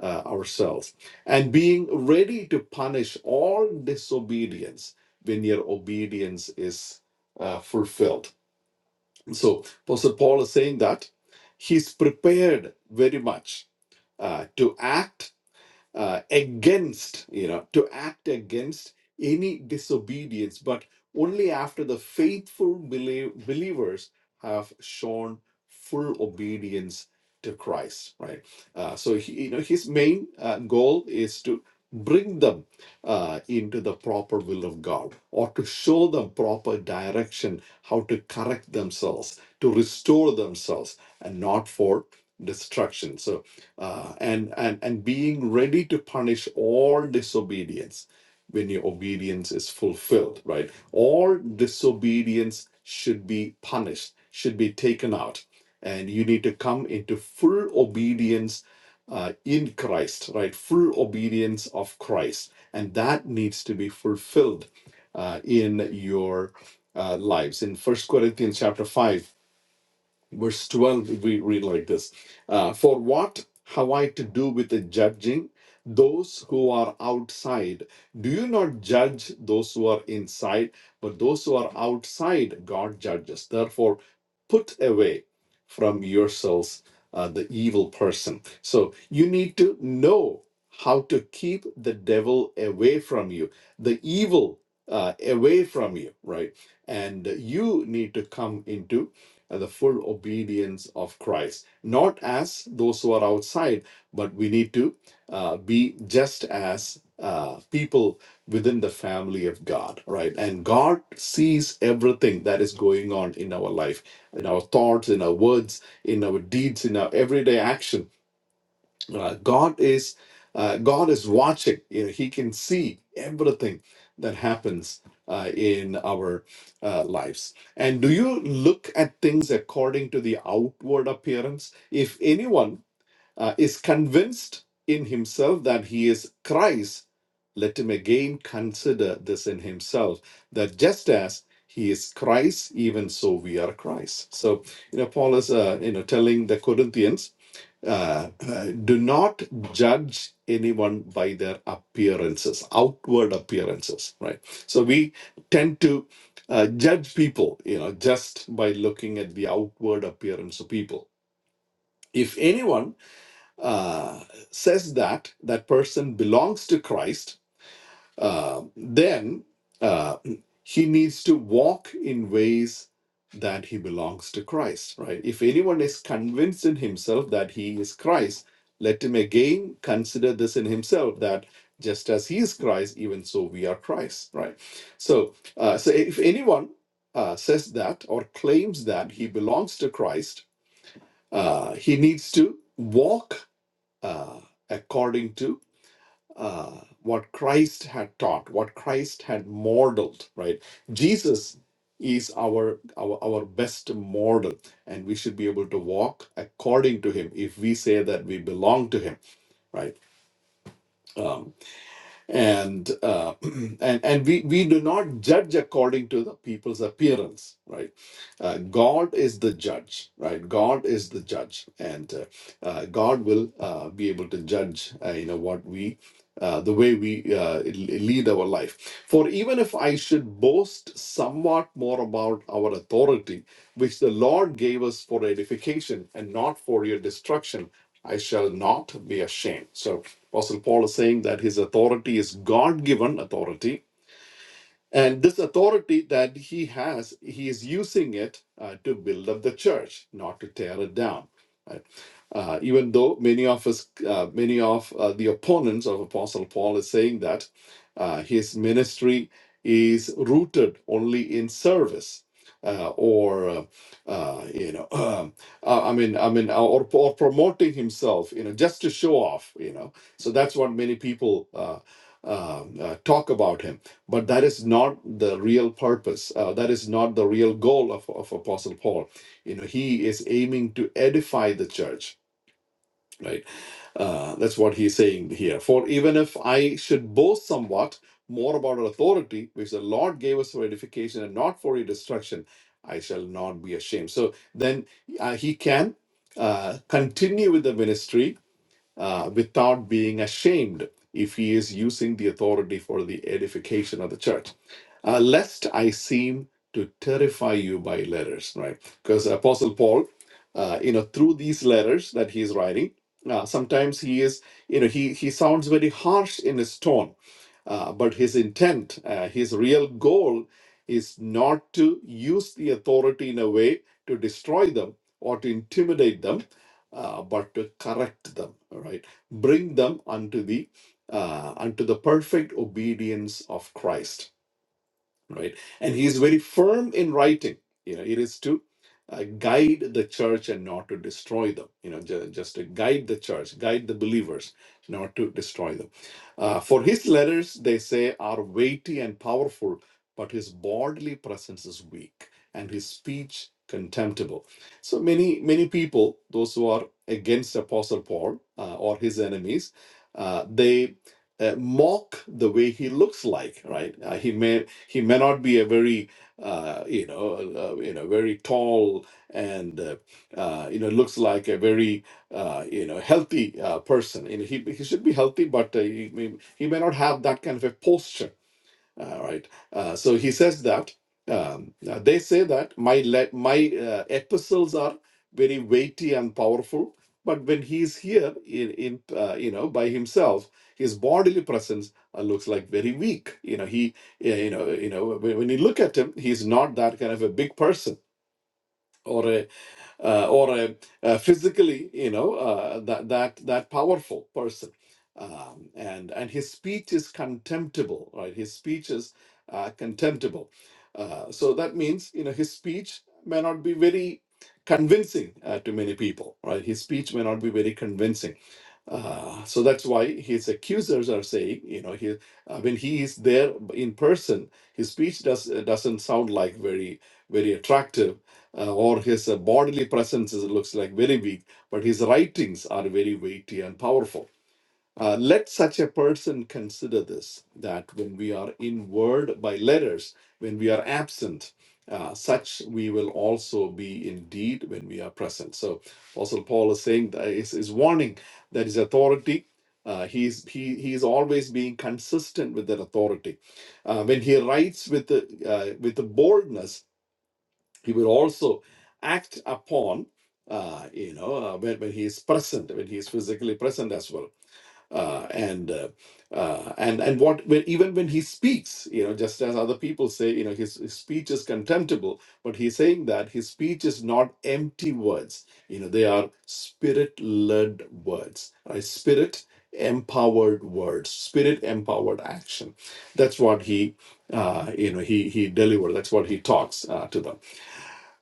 Speaker 3: uh, ourselves. And being ready to punish all disobedience when your obedience is uh, fulfilled. So, Apostle Paul is saying that he's prepared very much uh, to act uh, against, you know, to act against any disobedience, but only after the faithful belie- believers have shown full obedience to Christ, right? Uh, so, he, you know, his main uh, goal is to bring them uh, into the proper will of God or to show them proper direction, how to correct themselves, to restore themselves, and not for destruction. So, uh, and and and being ready to punish all disobedience when your obedience is fulfilled right all disobedience should be punished should be taken out and you need to come into full obedience uh, in christ right full obedience of christ and that needs to be fulfilled uh, in your uh, lives in first corinthians chapter 5 verse 12 we read like this uh, for what have i to do with the judging those who are outside do you not judge those who are inside but those who are outside god judges therefore put away from yourselves uh, the evil person so you need to know how to keep the devil away from you the evil uh, away from you right and you need to come into and the full obedience of Christ. Not as those who are outside, but we need to uh, be just as uh, people within the family of God, right? And God sees everything that is going on in our life, in our thoughts, in our words, in our deeds, in our everyday actions uh, God is uh, God is watching. You know, he can see everything that happens uh, in our uh, lives. And do you look at things according to the outward appearance? If anyone uh, is convinced in himself that he is Christ, let him again consider this in himself that just as he is Christ, even so we are Christ. So you know, Paul is uh, you know telling the Corinthians uh, uh, do not judge anyone by their appearances, outward appearances, right? So we tend to uh, judge people, you know, just by looking at the outward appearance of people. If anyone uh, says that that person belongs to Christ, uh, then uh, he needs to walk in ways that he belongs to Christ, right? If anyone is convinced in himself that he is Christ, let him again consider this in himself that just as he is Christ, even so we are Christ, right? So, uh, so if anyone uh, says that or claims that he belongs to Christ, uh, he needs to walk uh, according to uh, what Christ had taught, what Christ had modeled, right? Jesus is our, our our best model, and we should be able to walk according to him if we say that we belong to him, right? Um, and uh, and and we we do not judge according to the people's appearance right uh, god is the judge right god is the judge and uh, uh, god will uh, be able to judge uh, you know what we uh, the way we uh, l- lead our life. For even if I should boast somewhat more about our authority, which the Lord gave us for edification and not for your destruction, I shall not be ashamed. So Apostle Paul is saying that his authority is God given authority and this authority that he has, he is using it uh, to build up the church, not to tear it down. right? Uh, even though many of us, uh, many of uh, the opponents of Apostle Paul is saying that uh, his ministry is rooted only in service. Uh, or uh, uh, you know, um, uh, I mean, I mean, or, or promoting himself, you know, just to show off, you know. So that's what many people uh, um, uh, talk about him but that is not the real purpose. Uh, that is not the real goal of, of Apostle Paul. You know, he is aiming to edify the church, right? Uh, that's what he's saying here. For even if I should boast somewhat more about our authority, which the Lord gave us for edification and not for your destruction, I shall not be ashamed. So then uh, he can uh, continue with the ministry uh, without being ashamed if he is using the authority for the edification of the church. Uh, lest I seem to terrify you by letters, right? Because Apostle Paul, uh, you know, through these letters that he is writing, uh, sometimes he is, you know, he, he sounds very harsh in his tone, uh, but his intent, uh, his real goal is not to use the authority in a way to destroy them or to intimidate them uh, but to correct them, right, Bring them unto the uh, unto the perfect obedience of Christ right? And he is very firm in writing. You know, it is to uh, guide the church and not to destroy them. You know, ju- just to guide the church, guide the believers, not to destroy them. Uh, for his letters, they say, are weighty and powerful, but his bodily presence is weak and his speech contemptible. So many, many people, those who are against Apostle Paul uh, or his enemies, uh, they uh, mock the way he looks like right uh, he may he may not be a very uh, you know uh, uh, you know very tall and uh, uh, you know looks like a very uh, you know healthy uh, person you know, he, he should be healthy but uh, he, may, he may not have that kind of a posture all right. Uh, so he says that um, uh, they say that my le- my uh, epistles are very weighty and powerful, but when he's here in in uh, you know by himself, his bodily presence uh, looks like very weak. You know he yeah, you know you know when, when you look at him, he's not that kind of a big person. or a uh, or a, a physically, you know, uh, that that that powerful person. Um, and and his speech is contemptible, right? His speech is uh, contemptible. Uh, so that means you know his speech may not be very convincing uh, to many people, right? His speech may not be very convincing. Uh, so that's why his accusers are saying, you know, he uh, when he is there in person, his speech does uh, doesn't sound like very very attractive uh, or his uh, bodily presence is, looks like very weak, but his writings are very weighty and powerful. Uh, let such a person consider this that when we are in word by letters, when we are absent, uh, such we will also be indeed when we are present. So, Apostle Paul is saying that is, is warning that his authority. Uh, he's he he is always being consistent with that authority. Uh, when he writes with the, uh, with the boldness, he will also act upon uh, you know uh, when, when he is present when he is physically present as well uh, and uh, uh, and and what when, even when he speaks, you know, just as other people say, you know, his, his speech is contemptible, but he's saying that his speech is not empty words. You know, they are spirit-led words, right? Spirit empowered words, spirit empowered action. That's what he, uh, you know, he he delivers. That's what he talks uh, to them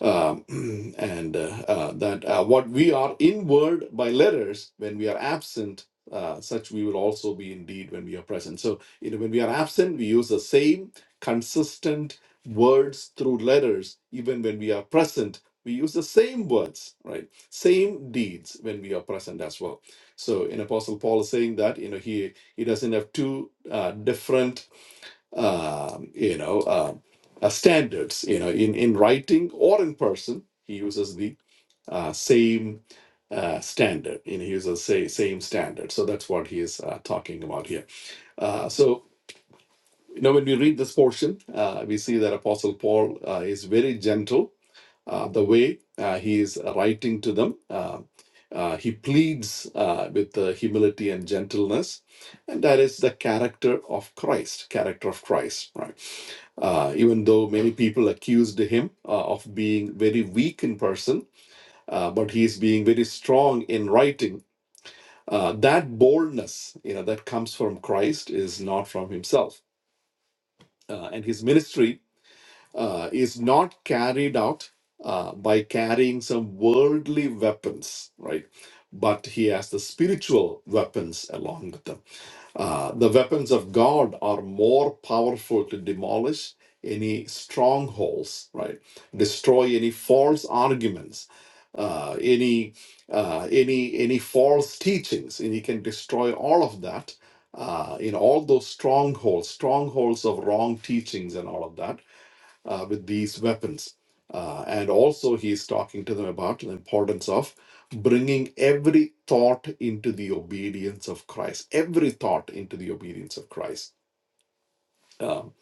Speaker 3: um, and uh, uh, that uh, what we are inward by letters when we are absent uh, such we will also be indeed when we are present. So, you know, when we are absent, we use the same consistent words through letters. Even when we are present, we use the same words, right? Same deeds when we are present as well. So, in Apostle Paul is saying that, you know, he he doesn't have two uh, different um, you know, um, uh, standards, you know, in, in writing or in person, he uses the uh, same uh, standard, you know, he uses say, same standard. So that's what he is uh, talking about here. Uh, so, you know, when we read this portion, uh, we see that Apostle Paul uh, is very gentle uh, the way uh, he is writing to them. Uh, uh, he pleads uh, with uh, humility and gentleness, and that is the character of Christ, character of Christ, right? Uh, even though many people accused him uh, of being very weak in person, uh, but he is being very strong in writing. Uh, that boldness, you know, that comes from Christ is not from himself. Uh, and his ministry uh, is not carried out uh, by carrying some worldly weapons, right? But he has the spiritual weapons along with them. Uh, the weapons of God are more powerful to demolish any strongholds, right? Destroy any false arguments, uh, any uh, any any false teachings, and he can destroy all of that uh, in all those strongholds, strongholds of wrong teachings and all of that uh, with these weapons. Uh, and also, he is talking to them about the importance of bringing every thought into the obedience of Christ, every thought into the obedience of Christ. Um,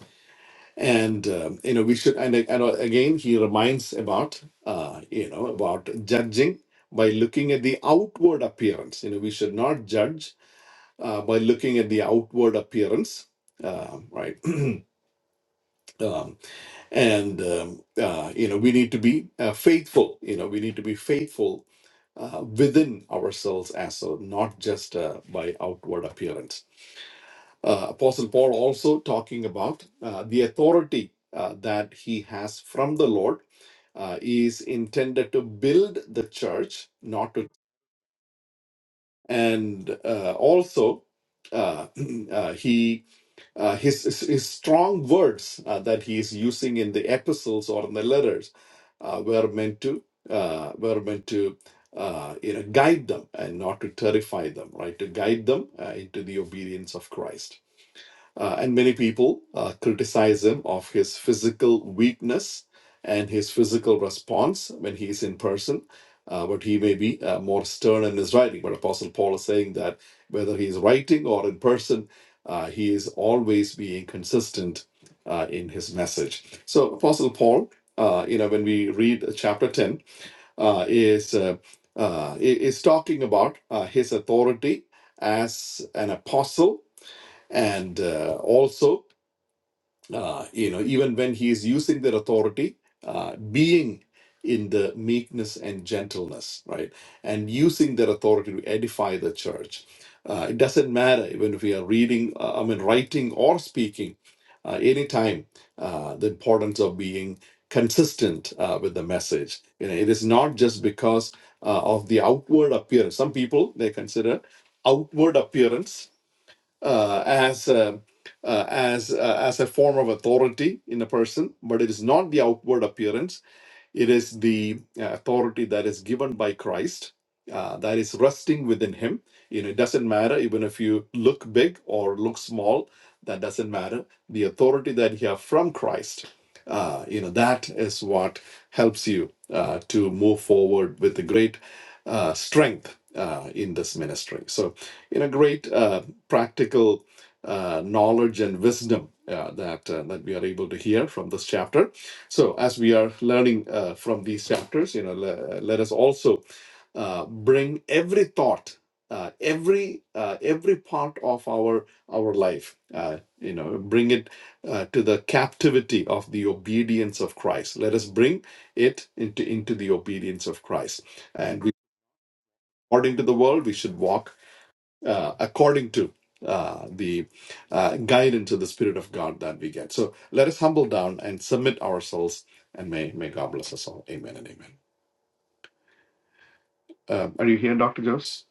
Speaker 3: and um, you know we should and, and again he reminds about uh, you know about judging by looking at the outward appearance you know we should not judge uh, by looking at the outward appearance uh, right um, and um, uh, you know we need to be uh, faithful you know we need to be faithful uh, within ourselves as so not just uh, by outward appearance uh, apostle paul also talking about uh, the authority uh, that he has from the lord uh, is intended to build the church not to and uh, also uh, uh, he uh, his, his his strong words uh, that he is using in the epistles or in the letters uh, were meant to uh, were meant to uh, you know guide them and not to terrify them, right? To guide them uh, into the obedience of Christ. Uh, and many people uh, criticize him of his physical weakness and his physical response when he is in person. Uh, but he may be uh, more stern in his writing. But Apostle Paul is saying that whether he is writing or in person, uh, he is always being consistent uh, in his message. So Apostle Paul, uh, you know, when we read chapter ten, uh, is uh, uh, is talking about uh, his authority as an apostle and uh, also uh, you know even when he is using their authority uh, being in the meekness and gentleness right and using their authority to edify the church uh, it doesn't matter even if we are reading uh, i mean writing or speaking uh, anytime uh, the importance of being consistent uh, with the message you know it is not just because uh, of the outward appearance some people they consider outward appearance uh, as a, uh, as uh, as a form of authority in a person, but it is not the outward appearance it is the uh, authority that is given by Christ, uh, that is resting within Him. You know, it doesn't matter even if you look big or look small. That doesn't matter. The authority that you have from Christ, uh, you know, that is what helps you uh, to move forward with the great uh, strength uh, in this ministry. So, you know, great uh, practical uh, knowledge and wisdom uh, that uh, that we are able to hear from this chapter so, as we are learning uh, from these chapters, you know, le- let us also uh, bring every thought, uh, every uh, every part of our our life, uh, you know, bring it uh, to the captivity of the obedience of Christ. Let us bring it into into the obedience of Christ, and we. According to the world, we should walk uh, according to uh, the uh, guidance of the Spirit of God that we get. So let us humble down and submit ourselves, and may, may God bless us all. Amen and amen. Um, are you here, Dr. Jose?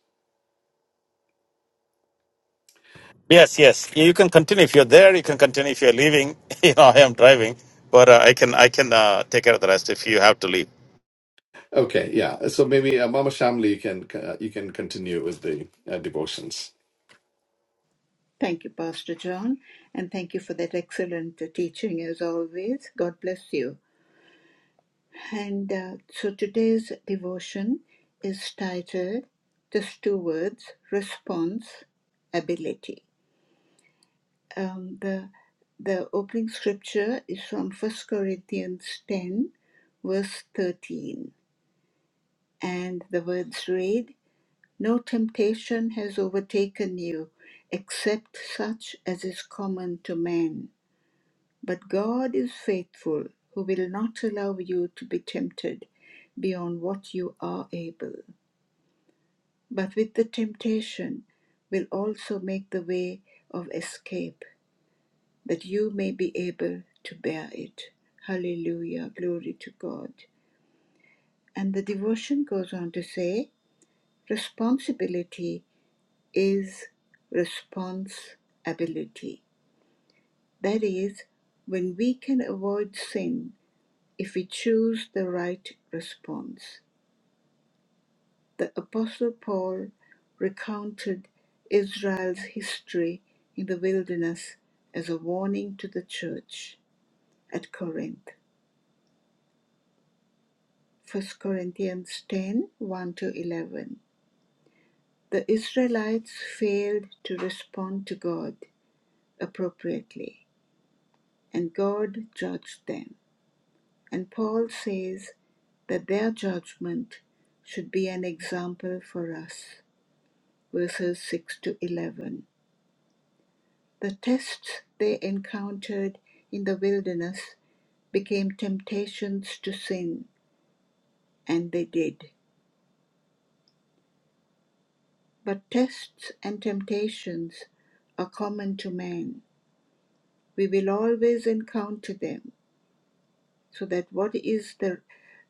Speaker 1: Yes, yes. You can continue if you're there. You can continue if you're leaving. You know, I am driving, but uh, I can I can uh, take care of the rest if you have to leave.
Speaker 3: Okay, yeah. So maybe uh, Mama Shamli, you can uh, you can continue with the uh, devotions.
Speaker 2: Thank you, Pastor John, and thank you for that excellent uh, teaching as always. God bless you. And uh, so today's devotion is titled just two words response ability. Um, the, the opening scripture is from First Corinthians 10, verse 13. And the words read, No temptation has overtaken you except such as is common to man. But God is faithful, who will not allow you to be tempted beyond what you are able. But with the temptation will also make the way of escape, that you may be able to bear it. Hallelujah, glory to God. And the devotion goes on to say, Responsibility is responsibility. That is, when we can avoid sin if we choose the right response. The Apostle Paul recounted Israel's history in the wilderness as a warning to the church at Corinth. First Corinthians ten one to 11. The Israelites failed to respond to God appropriately, and God judged them. And Paul says that their judgment should be an example for us. Verses 6 to 11. The tests they encountered in the wilderness became temptations to sin, and they did. But tests and temptations are common to man. We will always encounter them. So that what is the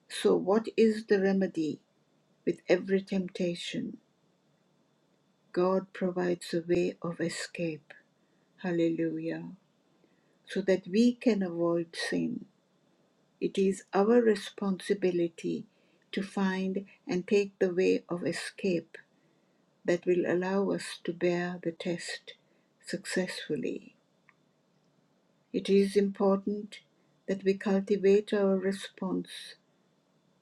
Speaker 2: so what is the remedy with every temptation? God provides a way of escape, hallelujah, so that we can avoid sin. It is our responsibility to find and take the way of escape that will allow us to bear the test successfully. It is important that we cultivate our response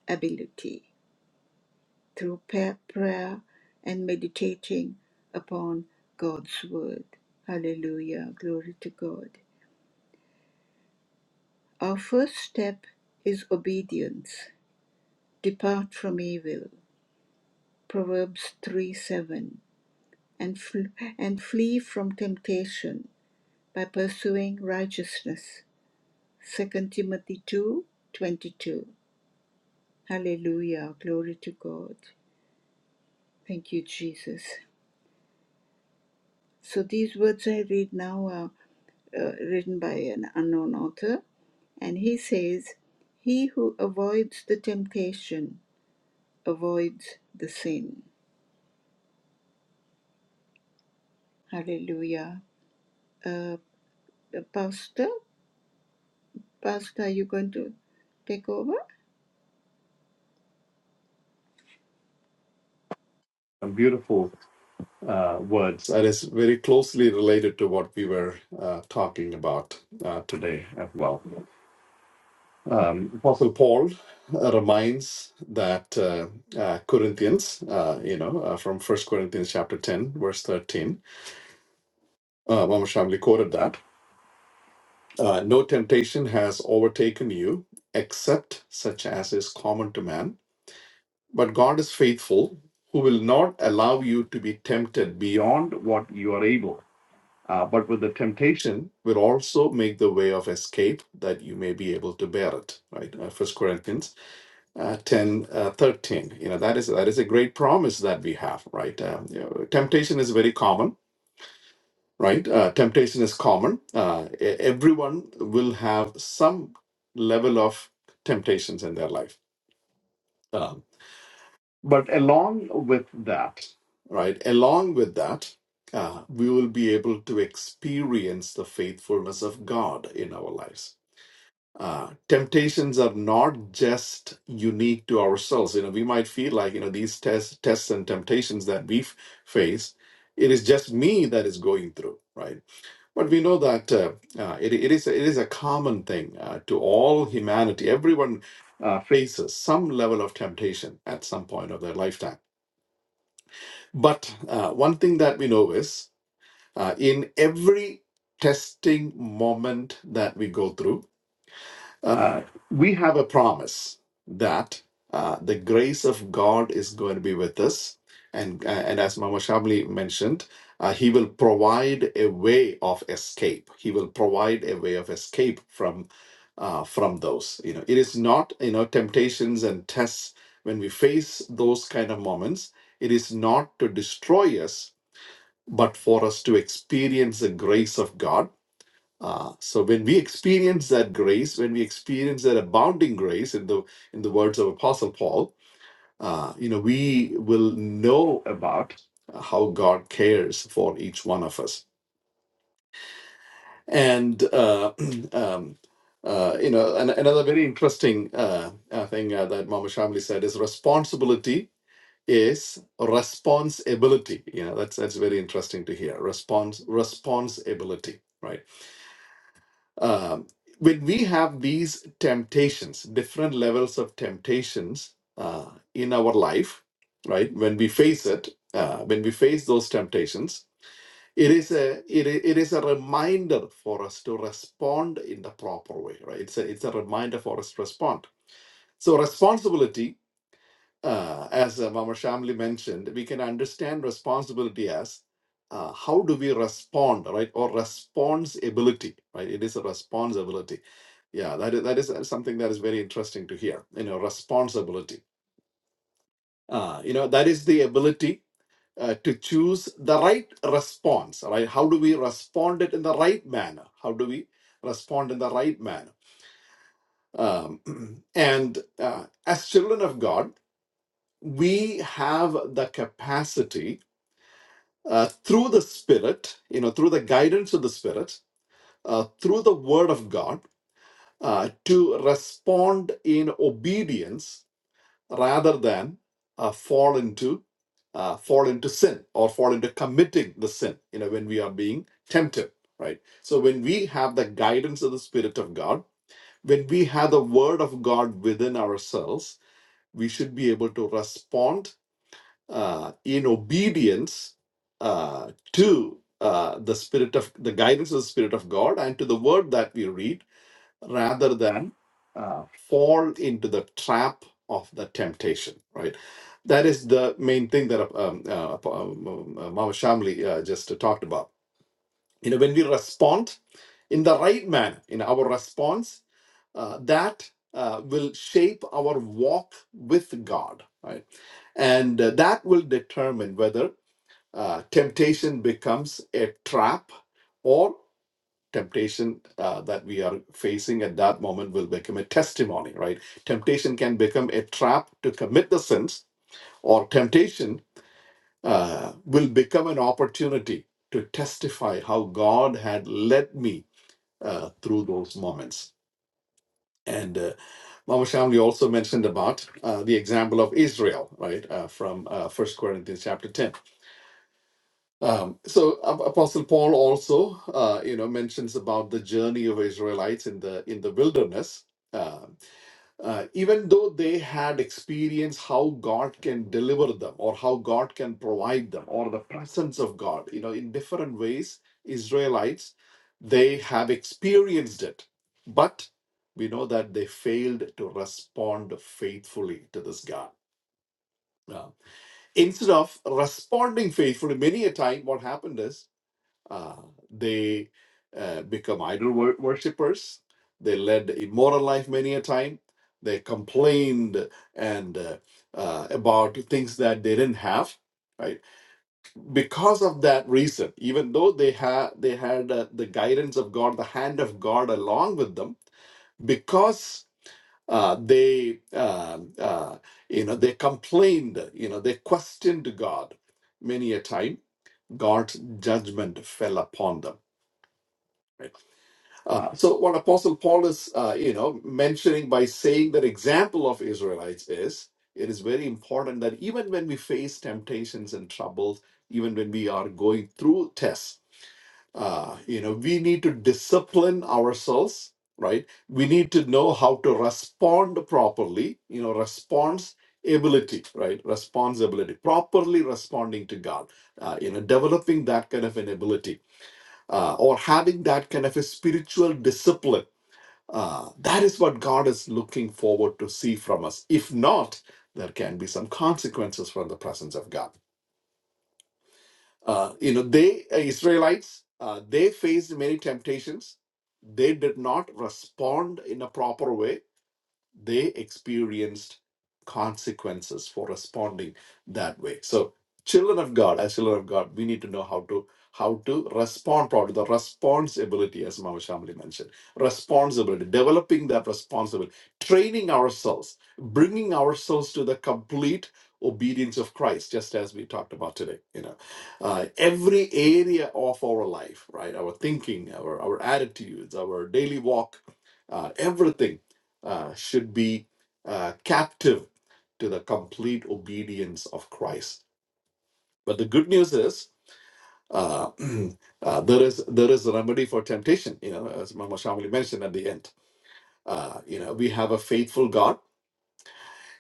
Speaker 2: ability through pa- prayer and meditating upon God's word. Hallelujah. Glory to God. Our first step is obedience. Depart from evil. Proverbs 3 7. And, fl- and flee from temptation by pursuing righteousness. Second Timothy two twenty two. Hallelujah. Glory to God. Thank you, Jesus. So these words I read now are uh, written by an unknown author. And he says, He who avoids the temptation avoids the sin. Hallelujah. Uh, Pastor, Pastor, are you going to take over?
Speaker 3: Some Beautiful uh, words. That is very closely related to what we were uh, talking about uh, today as well. Um, Apostle Paul uh, reminds that uh, uh, Corinthians, uh, you know, uh, from First Corinthians chapter 10, verse 13, uh, Mama Shamli quoted that, uh, no temptation has overtaken you except such as is common to man, but God is faithful, who will not allow you to be tempted beyond what you are able. Uh, but with the temptation will also make the way of escape that you may be able to bear it right uh, first corinthians uh, 10 uh, 13 you know that is that is a great promise that we have right um, you know, temptation is very common right uh, temptation is common uh, e- everyone will have some level of temptations in their life um, but along with that right along with that uh, we will be able to experience the faithfulness of god in our lives uh, temptations are not just unique to ourselves. You know, we might feel like you know these tests, tests and temptations that we f- face, it is just me that is going through, right? But we know that uh, uh, it, it is it is a common thing uh, to all humanity. Everyone uh, faces some level of temptation at some point of their lifetime. But uh, one thing that we know is uh, in every testing moment that we go through uh, we have a promise that uh, the grace of God is going to be with us. And, uh, and as Mama Shamli mentioned, uh, he will provide a way of escape. He will provide a way of escape from uh, from those. You know, it is not you know temptations and tests when we face those kind of moments. It is not to destroy us, but for us to experience the grace of God Ah, so when we experience that grace, when we experience that abounding grace, in the in the words of Apostle Paul, uh, you know, we will know about how God cares for each one of us. And uh, um, uh, you know, an, another very interesting uh, uh, thing uh, that Mama Shamli said is responsibility is responsibility. You know, that's that's very interesting to hear. Response responsibility, right? Um, when we have these temptations, different levels of temptations uh, in our life, right? When we face it, uh, when we face those temptations, it is a it, i- it is a reminder for us to respond in the proper way, right? It's a it's a reminder for us to respond. So responsibility uh, as uh, Mama Shamli mentioned, we can understand responsibility as uh, how do we respond, right? Or responsibility, right? It is a responsibility. Yeah, that is, that is uh, something that is very interesting to hear. You know, responsibility. Uh, you know, that is the ability uh, to choose the right response, right? How do we respond it in the right manner? How do we respond in the right manner? Um, and uh, as children of God, we have the capacity uh, through the Spirit, you know, through the guidance of the Spirit, uh, through the Word of God, uh, to respond in obedience rather than uh, fall into uh, fall into sin or fall into committing the sin. You know, when we are being tempted, right? So when we have the guidance of the Spirit of God, when we have the Word of God within ourselves, we should be able to respond uh, in obedience uh, to uh, the spirit of the guidance of the spirit of God and to the word that we read, rather than uh, fall into the trap of the temptation. Right. That is the main thing that uh, um, uh, um, um, uh, Mama Shamli uh, just talked about. You know, when we respond in the right manner, in our response, uh, that uh, will shape our walk with God. Right and uh, that will determine whether uh, temptation becomes a trap, or temptation uh, that we are facing at that moment will become a testimony, right? Temptation can become a trap to commit the sins, or temptation uh, will become an opportunity to testify how God had led me uh, through those moments. And uh, Mama Shamli also mentioned about uh, the example of Israel, right, uh, from uh, 1 Corinthians chapter 10 Um, so Ap- Apostle Paul also, uh, you know, mentions about the journey of Israelites in the in the wilderness. Uh, uh, even though they had experienced how God can deliver them, or how God can provide them, or the presence of God, you know, in different ways, Israelites they have experienced it, but we know that they failed to respond faithfully to this God. Uh, instead of responding faithfully, many a time what happened is uh, they uh, become idol wor- worshippers. They led immoral life many a time. They complained and uh, uh, about things that they didn't have. Right, because of that reason, even though they had they had uh, the guidance of God, the hand of God along with them, because uh, they uh, uh, you know they complained, you know they questioned God many a time. God's judgment fell upon them. right? Uh, so what Apostle Paul is, uh, you know, mentioning by saying that example of Israelites is, it is very important that even when we face temptations and troubles, even when we are going through tests, uh, you know, we need to discipline ourselves, right? We need to know how to respond properly, you know, response ability, right? Responsibility, properly responding to God, uh, you know, developing that kind of an ability uh, or having that kind of a spiritual discipline uh, that is what God is looking forward to see from us. If not, there can be some consequences from the presence of God. Uh, you know, they uh, Israelites uh, they faced many temptations. They did not respond in a proper way they experienced consequences for responding that way so children of god as children of god we need to know how to how to respond properly the responsibility as mama shamli mentioned responsibility developing that responsibility training ourselves bringing ourselves to the complete obedience of christ just as we talked about today you know uh, every area of our life right our thinking our our attitudes our daily walk uh, everything uh, should be uh, captive to the complete obedience of Christ. But the good news is uh, uh, there is there is a remedy for temptation. You know, as Mama Shamali mentioned at the end, uh, you know, we have a faithful God,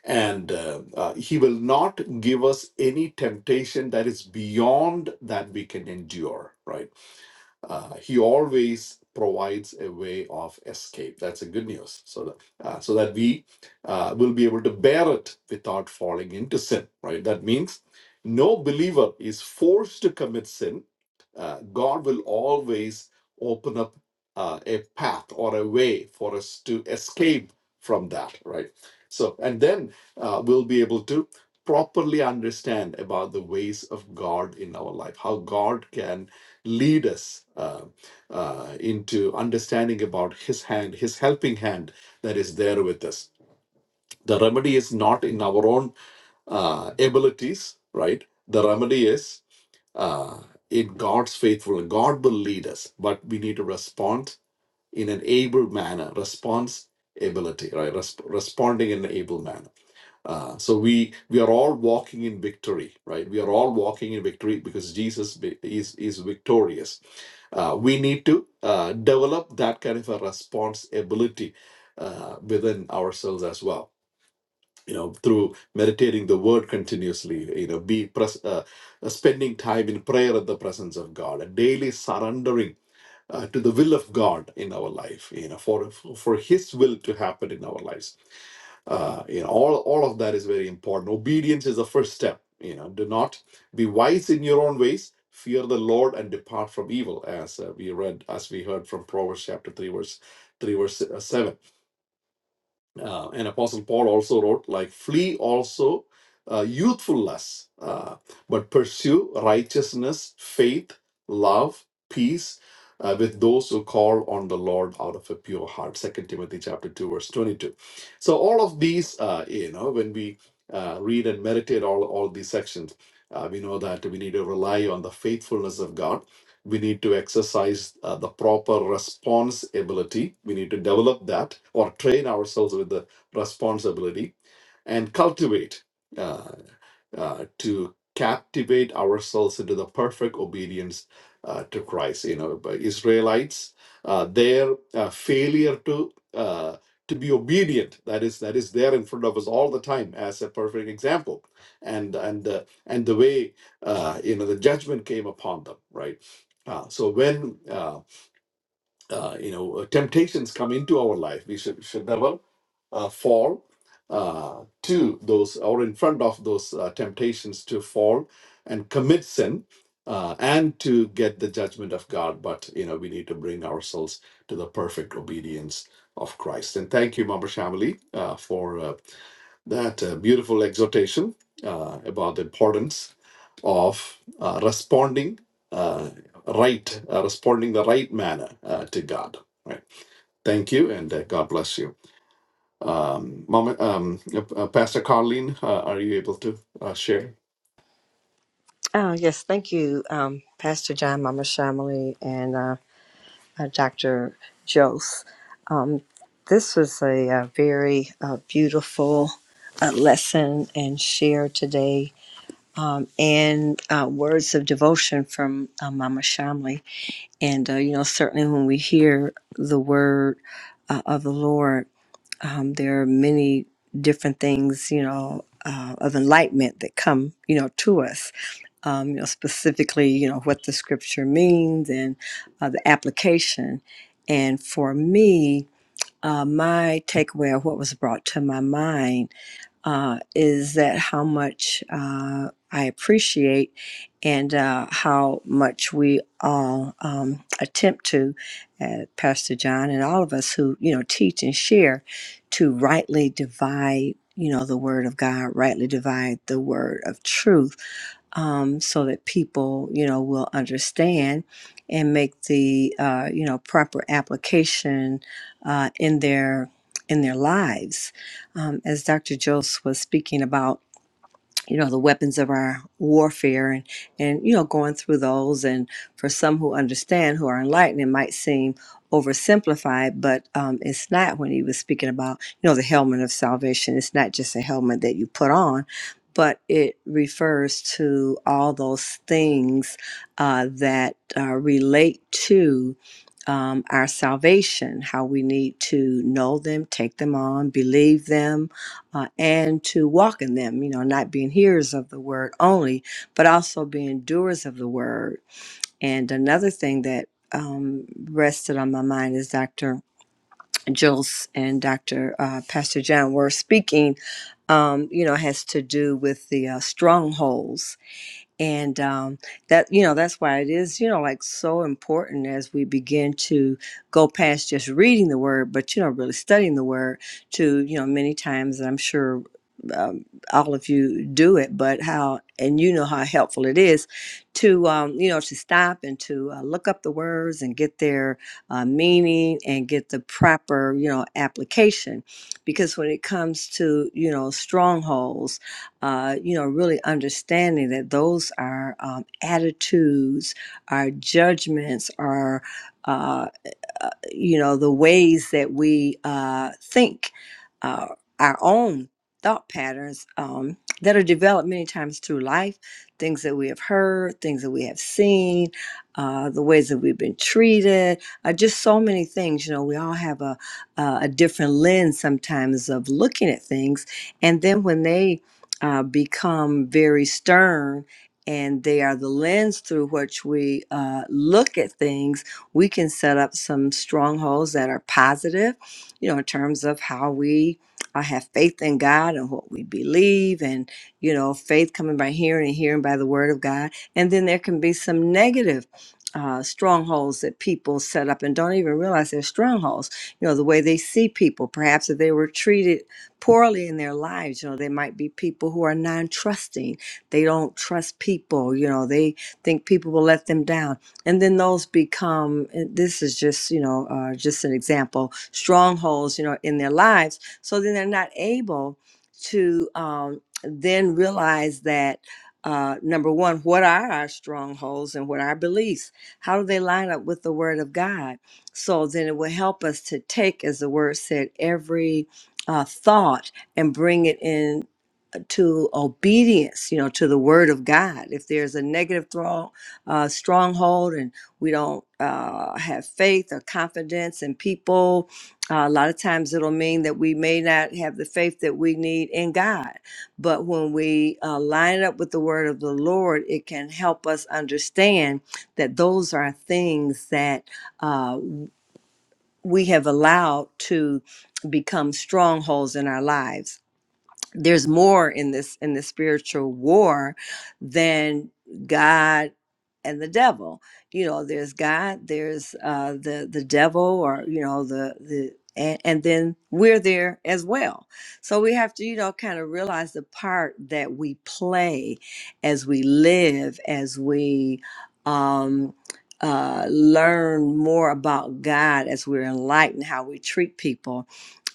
Speaker 3: and uh, uh, He will not give us any temptation that is beyond that we can endure. Right uh, he always provides a way of escape. That's a good news. So that, uh, so that we uh, will be able to bear it without falling into sin, right? That means no believer is forced to commit sin. Uh, God will always open up uh, a path or a way for us to escape from that, right? So, and then uh, we'll be able to properly understand about the ways of God in our life, how God can lead us uh, uh, into understanding about his hand his helping hand that is there with us the remedy is not in our own uh, abilities right the remedy is uh, in god's faithfulness god will lead us but we need to respond in an able manner response ability right Resp- responding in an able manner uh, so we we are all walking in victory, right? We are all walking in victory because Jesus vi- is is victorious. Uh, we need to uh, develop that kind of a response ability uh, within ourselves as well. You know, through meditating the Word continuously. You know, be pres- uh, uh, spending time in prayer at the presence of God, and daily surrendering. Uh, to the will of God in our life, you know, for for His will to happen in our lives uh, you know all all of that is very important obedience is the first step you know do not be wise in your own ways fear the lord and depart from evil as uh, we read as we heard from proverbs chapter 3 verse 3 verse uh, 7 uh, and apostle paul also wrote like flee also uh, youthful lusts uh, but pursue righteousness faith love peace uh, with those who call on the lord out of a pure heart second timothy chapter 2 verse 22 so all of these uh, you know when we uh, read and meditate all all these sections uh, we know that we need to rely on the faithfulness of god we need to exercise uh, the proper responsibility. We need to develop that or train ourselves with the responsibility and cultivate. uh, uh, to captivate ourselves into the perfect obedience uh, to Christ. You know, by Israelites, uh, their uh, failure to uh, to be obedient that is that is there in front of us all the time as a perfect example, and and uh, and the way uh, you know the judgment came upon them, right? Uh, so when uh, uh, you know, uh, temptations come into our life. We should should never uh, fall uh, to those or in front of those uh, temptations to fall and commit sin uh, and to get the judgment of God. But you know, we need to bring ourselves to the perfect obedience of Christ. And thank you, Mama Shamali, uh, for uh, that uh, beautiful exhortation uh, about the importance of uh, responding. uh, right, uh, responding the right manner uh, to God. Right. Thank you, and uh, God bless you. Um, Mama, um, uh, uh, Pastor Carlene, uh, are you able to uh, share?
Speaker 4: Oh, yes, thank you, um, Pastor John, Mama Shamali, and uh, uh, Dr. Jose. Um, this was a, uh very uh, beautiful uh, lesson and share today, um, and uh, words of devotion from uh, Mama Shamali. And, uh, you know, certainly when we hear the word uh, of the Lord, um, there are many different things, you know, uh, of enlightenment that come, you know, to us um, you know, specifically, you know, what the scripture means and uh, the application. And for me, uh, my takeaway of what was brought to my mind uh, is that how much uh, I appreciate and uh, how much we all um, attempt to, uh, Pastor John and all of us who, you know, teach and share to rightly divide, you know, the word of God, rightly divide the word of truth um, so that people, you know, will understand and make the, uh, you know, proper application uh, in their in their lives um, as Dr. Jose was speaking about, you know, the weapons of our warfare and, and, you know, going through those. And for some who understand, who are enlightened, it might seem oversimplified, but um, it's not when he was speaking about, you know, the helmet of salvation. It's not just a helmet that you put on, but it refers to all those things uh, that uh, relate to um, our salvation, how we need to know them, take them on, believe them, uh, and to walk in them, you know, not being hearers of the word only, but also being doers of the word. And another thing that um, rested on my mind is Dr. Jules and Dr. Uh, Pastor John were speaking, um, you know, has to do with the uh, strongholds and um, that you know that's why it is you know like so important as we begin to go past just reading the word but you know really studying the word to you know many times and i'm sure um, all of you do it but how and you know how helpful it is to um, you know to stop and to uh, look up the words and get their uh, meaning and get the proper you know application because when it comes to you know strongholds uh, you know, really understanding that those are um, attitudes, our judgments, our uh, uh, you know the ways that we uh, think uh, our own thought patterns um, that are developed many times through life things that we have heard things that we have seen uh, the ways that we've been treated uh, just so many things you know we all have a, a a different lens sometimes of looking at things and then when they uh, become very stern and they are the lens through which we uh, look at things we can set up some strongholds that are positive, you know, in terms of how we uh, have faith in God and what we believe, and, you know, faith coming by hearing and hearing by the word of God. And then there can be some negative. Uh, strongholds that people set up and don't even realize they're strongholds. You know, the way they see people, perhaps if they were treated poorly in their lives, you know, they might be people who are non trusting. They don't trust people, you know, they think people will let them down and then those become and this is just you know uh, just an example strongholds you know in their lives so then they're not able to um, then realize that uh, number one what are our strongholds and what are our beliefs how do they line up with the word of god so then it will help us to take as the word said every uh, thought and bring it in to obedience, you know, to the word of God. If there's a negative throng, uh, stronghold and we don't uh, have faith or confidence in people, uh, a lot of times it'll mean that we may not have the faith that we need in God. But when we uh, line it up with the word of the Lord, it can help us understand that those are things that uh, we have allowed to become strongholds in our lives there's more in this in the spiritual war than god and the devil you know there's god there's uh the the devil or you know the the and, and then we're there as well so we have to you know kind of realize the part that we play as we live as we um uh learn more about god as we're enlightened how we treat people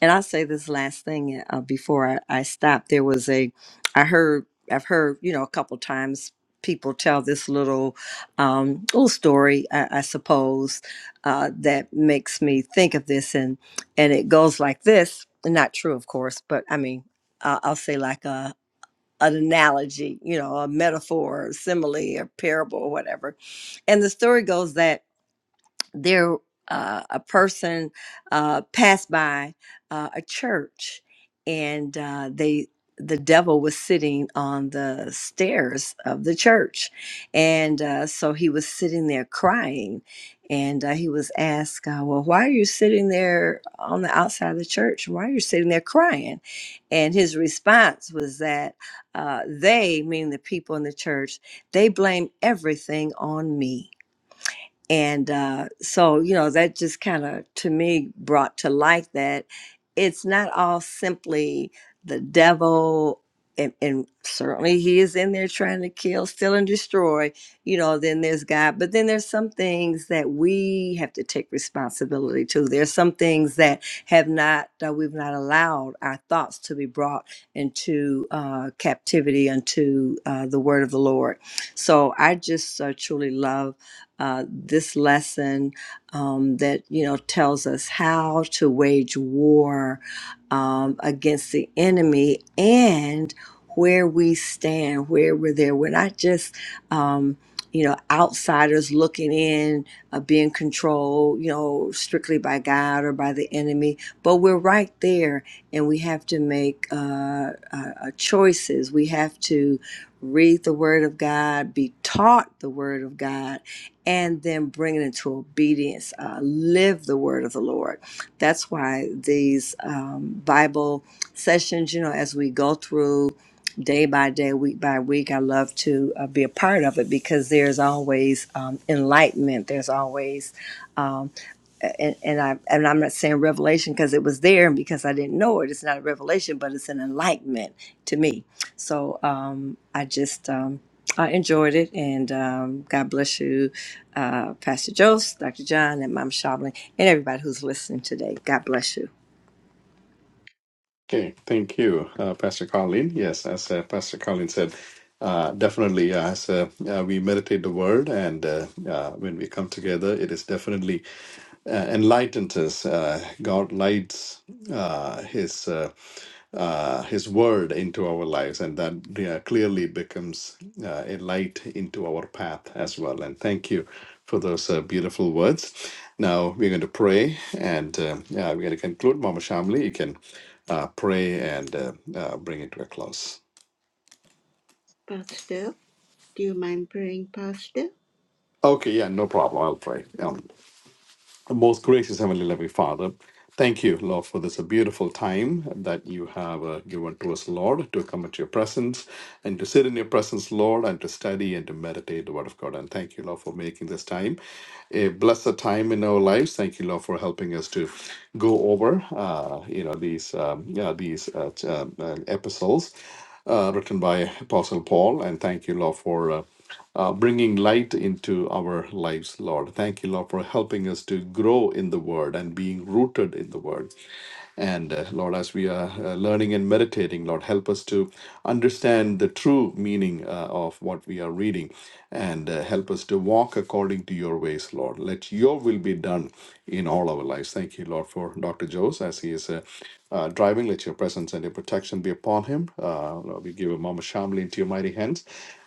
Speaker 4: and I'll say this last thing uh, uh, before I, I stop. There was a, I heard, I've heard, you know, a couple times people tell this little, um, little story, I, I suppose, uh, that makes me think of this, and and it goes like this. Not true, of course, but I mean, uh, I'll say like a an analogy, you know, a metaphor, or simile, or parable, or whatever. And the story goes that there uh, a person uh, passed by uh, a church and uh, they the devil was sitting on the stairs of the church and uh, so he was sitting there crying and uh, he was asked uh, well why are you sitting there on the outside of the church why are you sitting there crying and his response was that uh, they meaning the people in the church they blame everything on me and uh, so you know that just kind of to me brought to light that it's not all simply the devil and, and certainly he is in there trying to kill steal and destroy you know then there's god but then there's some things that we have to take responsibility to there's some things that have not that we've not allowed our thoughts to be brought into uh, captivity unto uh, the word of the lord so i just uh, truly love uh, this lesson um, that you know tells us how to wage war um, against the enemy and where we stand, where we're there. We're not just um, you know outsiders looking in, uh, being controlled, you know, strictly by God or by the enemy, but we're right there, and we have to make uh, uh, uh, choices. We have to read the Word of God, be taught the Word of God and then bring it into obedience. Uh, live the word of the Lord. That's why these um, Bible sessions, you know, as we go through day by day, week by week, I love to uh, be a part of it because there's always um, enlightenment. There's always um, and, and I and I'm not saying revelation because it was there and because I didn't know it. It's not a revelation, but it's an enlightenment to me. So um, I just um, I enjoyed it, and um, God bless you, uh, Pastor Jose, Dr. John, and Mom Shamlin, and everybody who's listening today. God bless you.
Speaker 3: Okay, thank you, uh, Pastor Colleen. Yes, as uh, Pastor Colleen said, uh, definitely uh, as uh, uh, we meditate the word and uh, uh, when we come together, it is definitely uh, enlightens us. Uh, God lights uh, His. uh, uh, His word into our lives, and that yeah, clearly becomes uh, a light into our path as well. And thank you for those uh, beautiful words. Now we're going to pray, and uh, yeah, we're going to conclude. Mama Shamli, you can uh, pray and uh, uh, bring it to a close.
Speaker 2: Pastor, do you mind praying, Pastor?
Speaker 3: Okay, yeah, no problem. I'll pray. Um, Most gracious Heavenly Loving Father, thank you, Lord, for this beautiful time that you have uh, given to us, Lord, to come at your presence and to sit in your presence, Lord, and to study and to meditate the Word of God. And thank you, Lord, for making this time a blessed time in our lives. Thank you, Lord, for helping us to go over, uh, you know, these um, yeah, these uh, t- uh, uh, epistles uh, written by Apostle Paul, and thank you, Lord, for. Uh, uh, bringing light into our lives, Lord. Thank you, Lord, for helping us to grow in the Word and being rooted in the Word. And uh, Lord, as we are uh, learning and meditating, Lord, help us to understand the true meaning uh, of what we are reading and uh, help us to walk according to your ways, Lord. Let your will be done in all our lives. Thank you, Lord, for Dr. Joes as he is uh, uh, driving. Let your presence and your protection be upon him. Uh, Lord, we give him Mama Shamli into your mighty hands.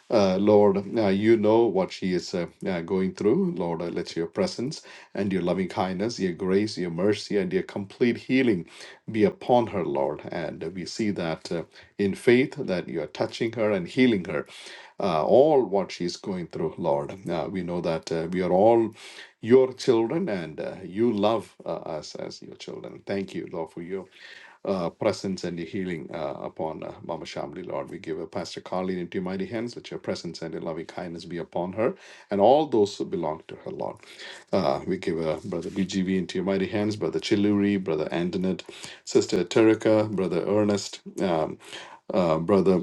Speaker 3: Uh, Lord, uh, you know what she is uh, uh, going through. Lord, uh, let your presence and your loving kindness, your grace, your mercy, and your complete healing be upon her, Lord. And we see that uh, in faith that you are touching her and healing her, uh, all what she's going through, Lord. Uh, we know that uh, we are all your children and uh, you love uh, us as your children. Thank you, Lord, for you uh, presence and your healing uh, upon uh, Mama Shamli, Lord. We give her Pastor Carlene into your mighty hands. Let your presence and your loving kindness be upon her and all those who belong to her, Lord. Uh, we give her Brother BGV into your mighty hands, Brother Chiluri, Brother Antoinette, Sister Terika, Brother Ernest, um, uh, Brother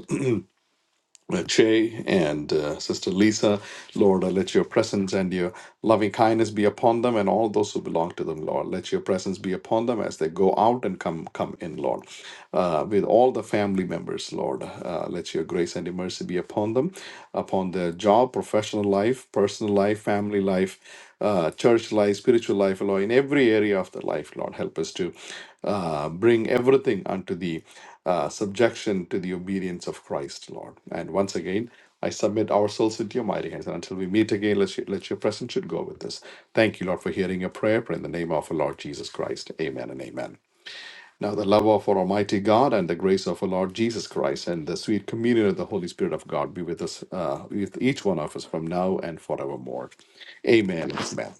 Speaker 3: uh, Che and uh, Sister Lisa. Lord, I let your presence and your loving kindness be upon them and all those who belong to them, Lord. Let your presence be upon them as they go out and come come in, Lord. Uh, with all the family members, Lord, uh, let your grace and your mercy be upon them, upon their job, professional life, personal life, family life, uh, church life, spiritual life, Lord, in every area of the life, Lord. Help us to uh, bring everything unto thee uh, subjection to the obedience of Christ, Lord. And once again, I submit our souls into your mighty hands. And until we meet again, let, you, let your presence should go with us. Thank you, Lord, for hearing your prayer. Pray in the name of our Lord Jesus Christ. Amen and amen. Now, the love of our Almighty God and the grace of our Lord Jesus Christ and the sweet communion of the Holy Spirit of God be with us, uh, with each one of us from now and forevermore. Amen. and Amen.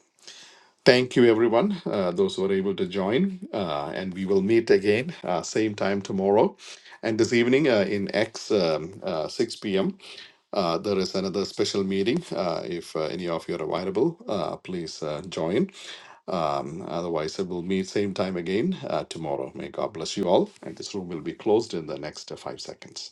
Speaker 3: Thank you, everyone, uh, those who are able to join. Uh, and we will meet again, uh, same time tomorrow. And this evening uh, in X, um, uh, 6 p.m., uh, there is another special meeting. Uh, if uh, any of you are available, uh, please uh, join. Um, otherwise, uh, we'll meet same time again uh, tomorrow. May God bless you all. And this room will be closed in the next uh, five seconds.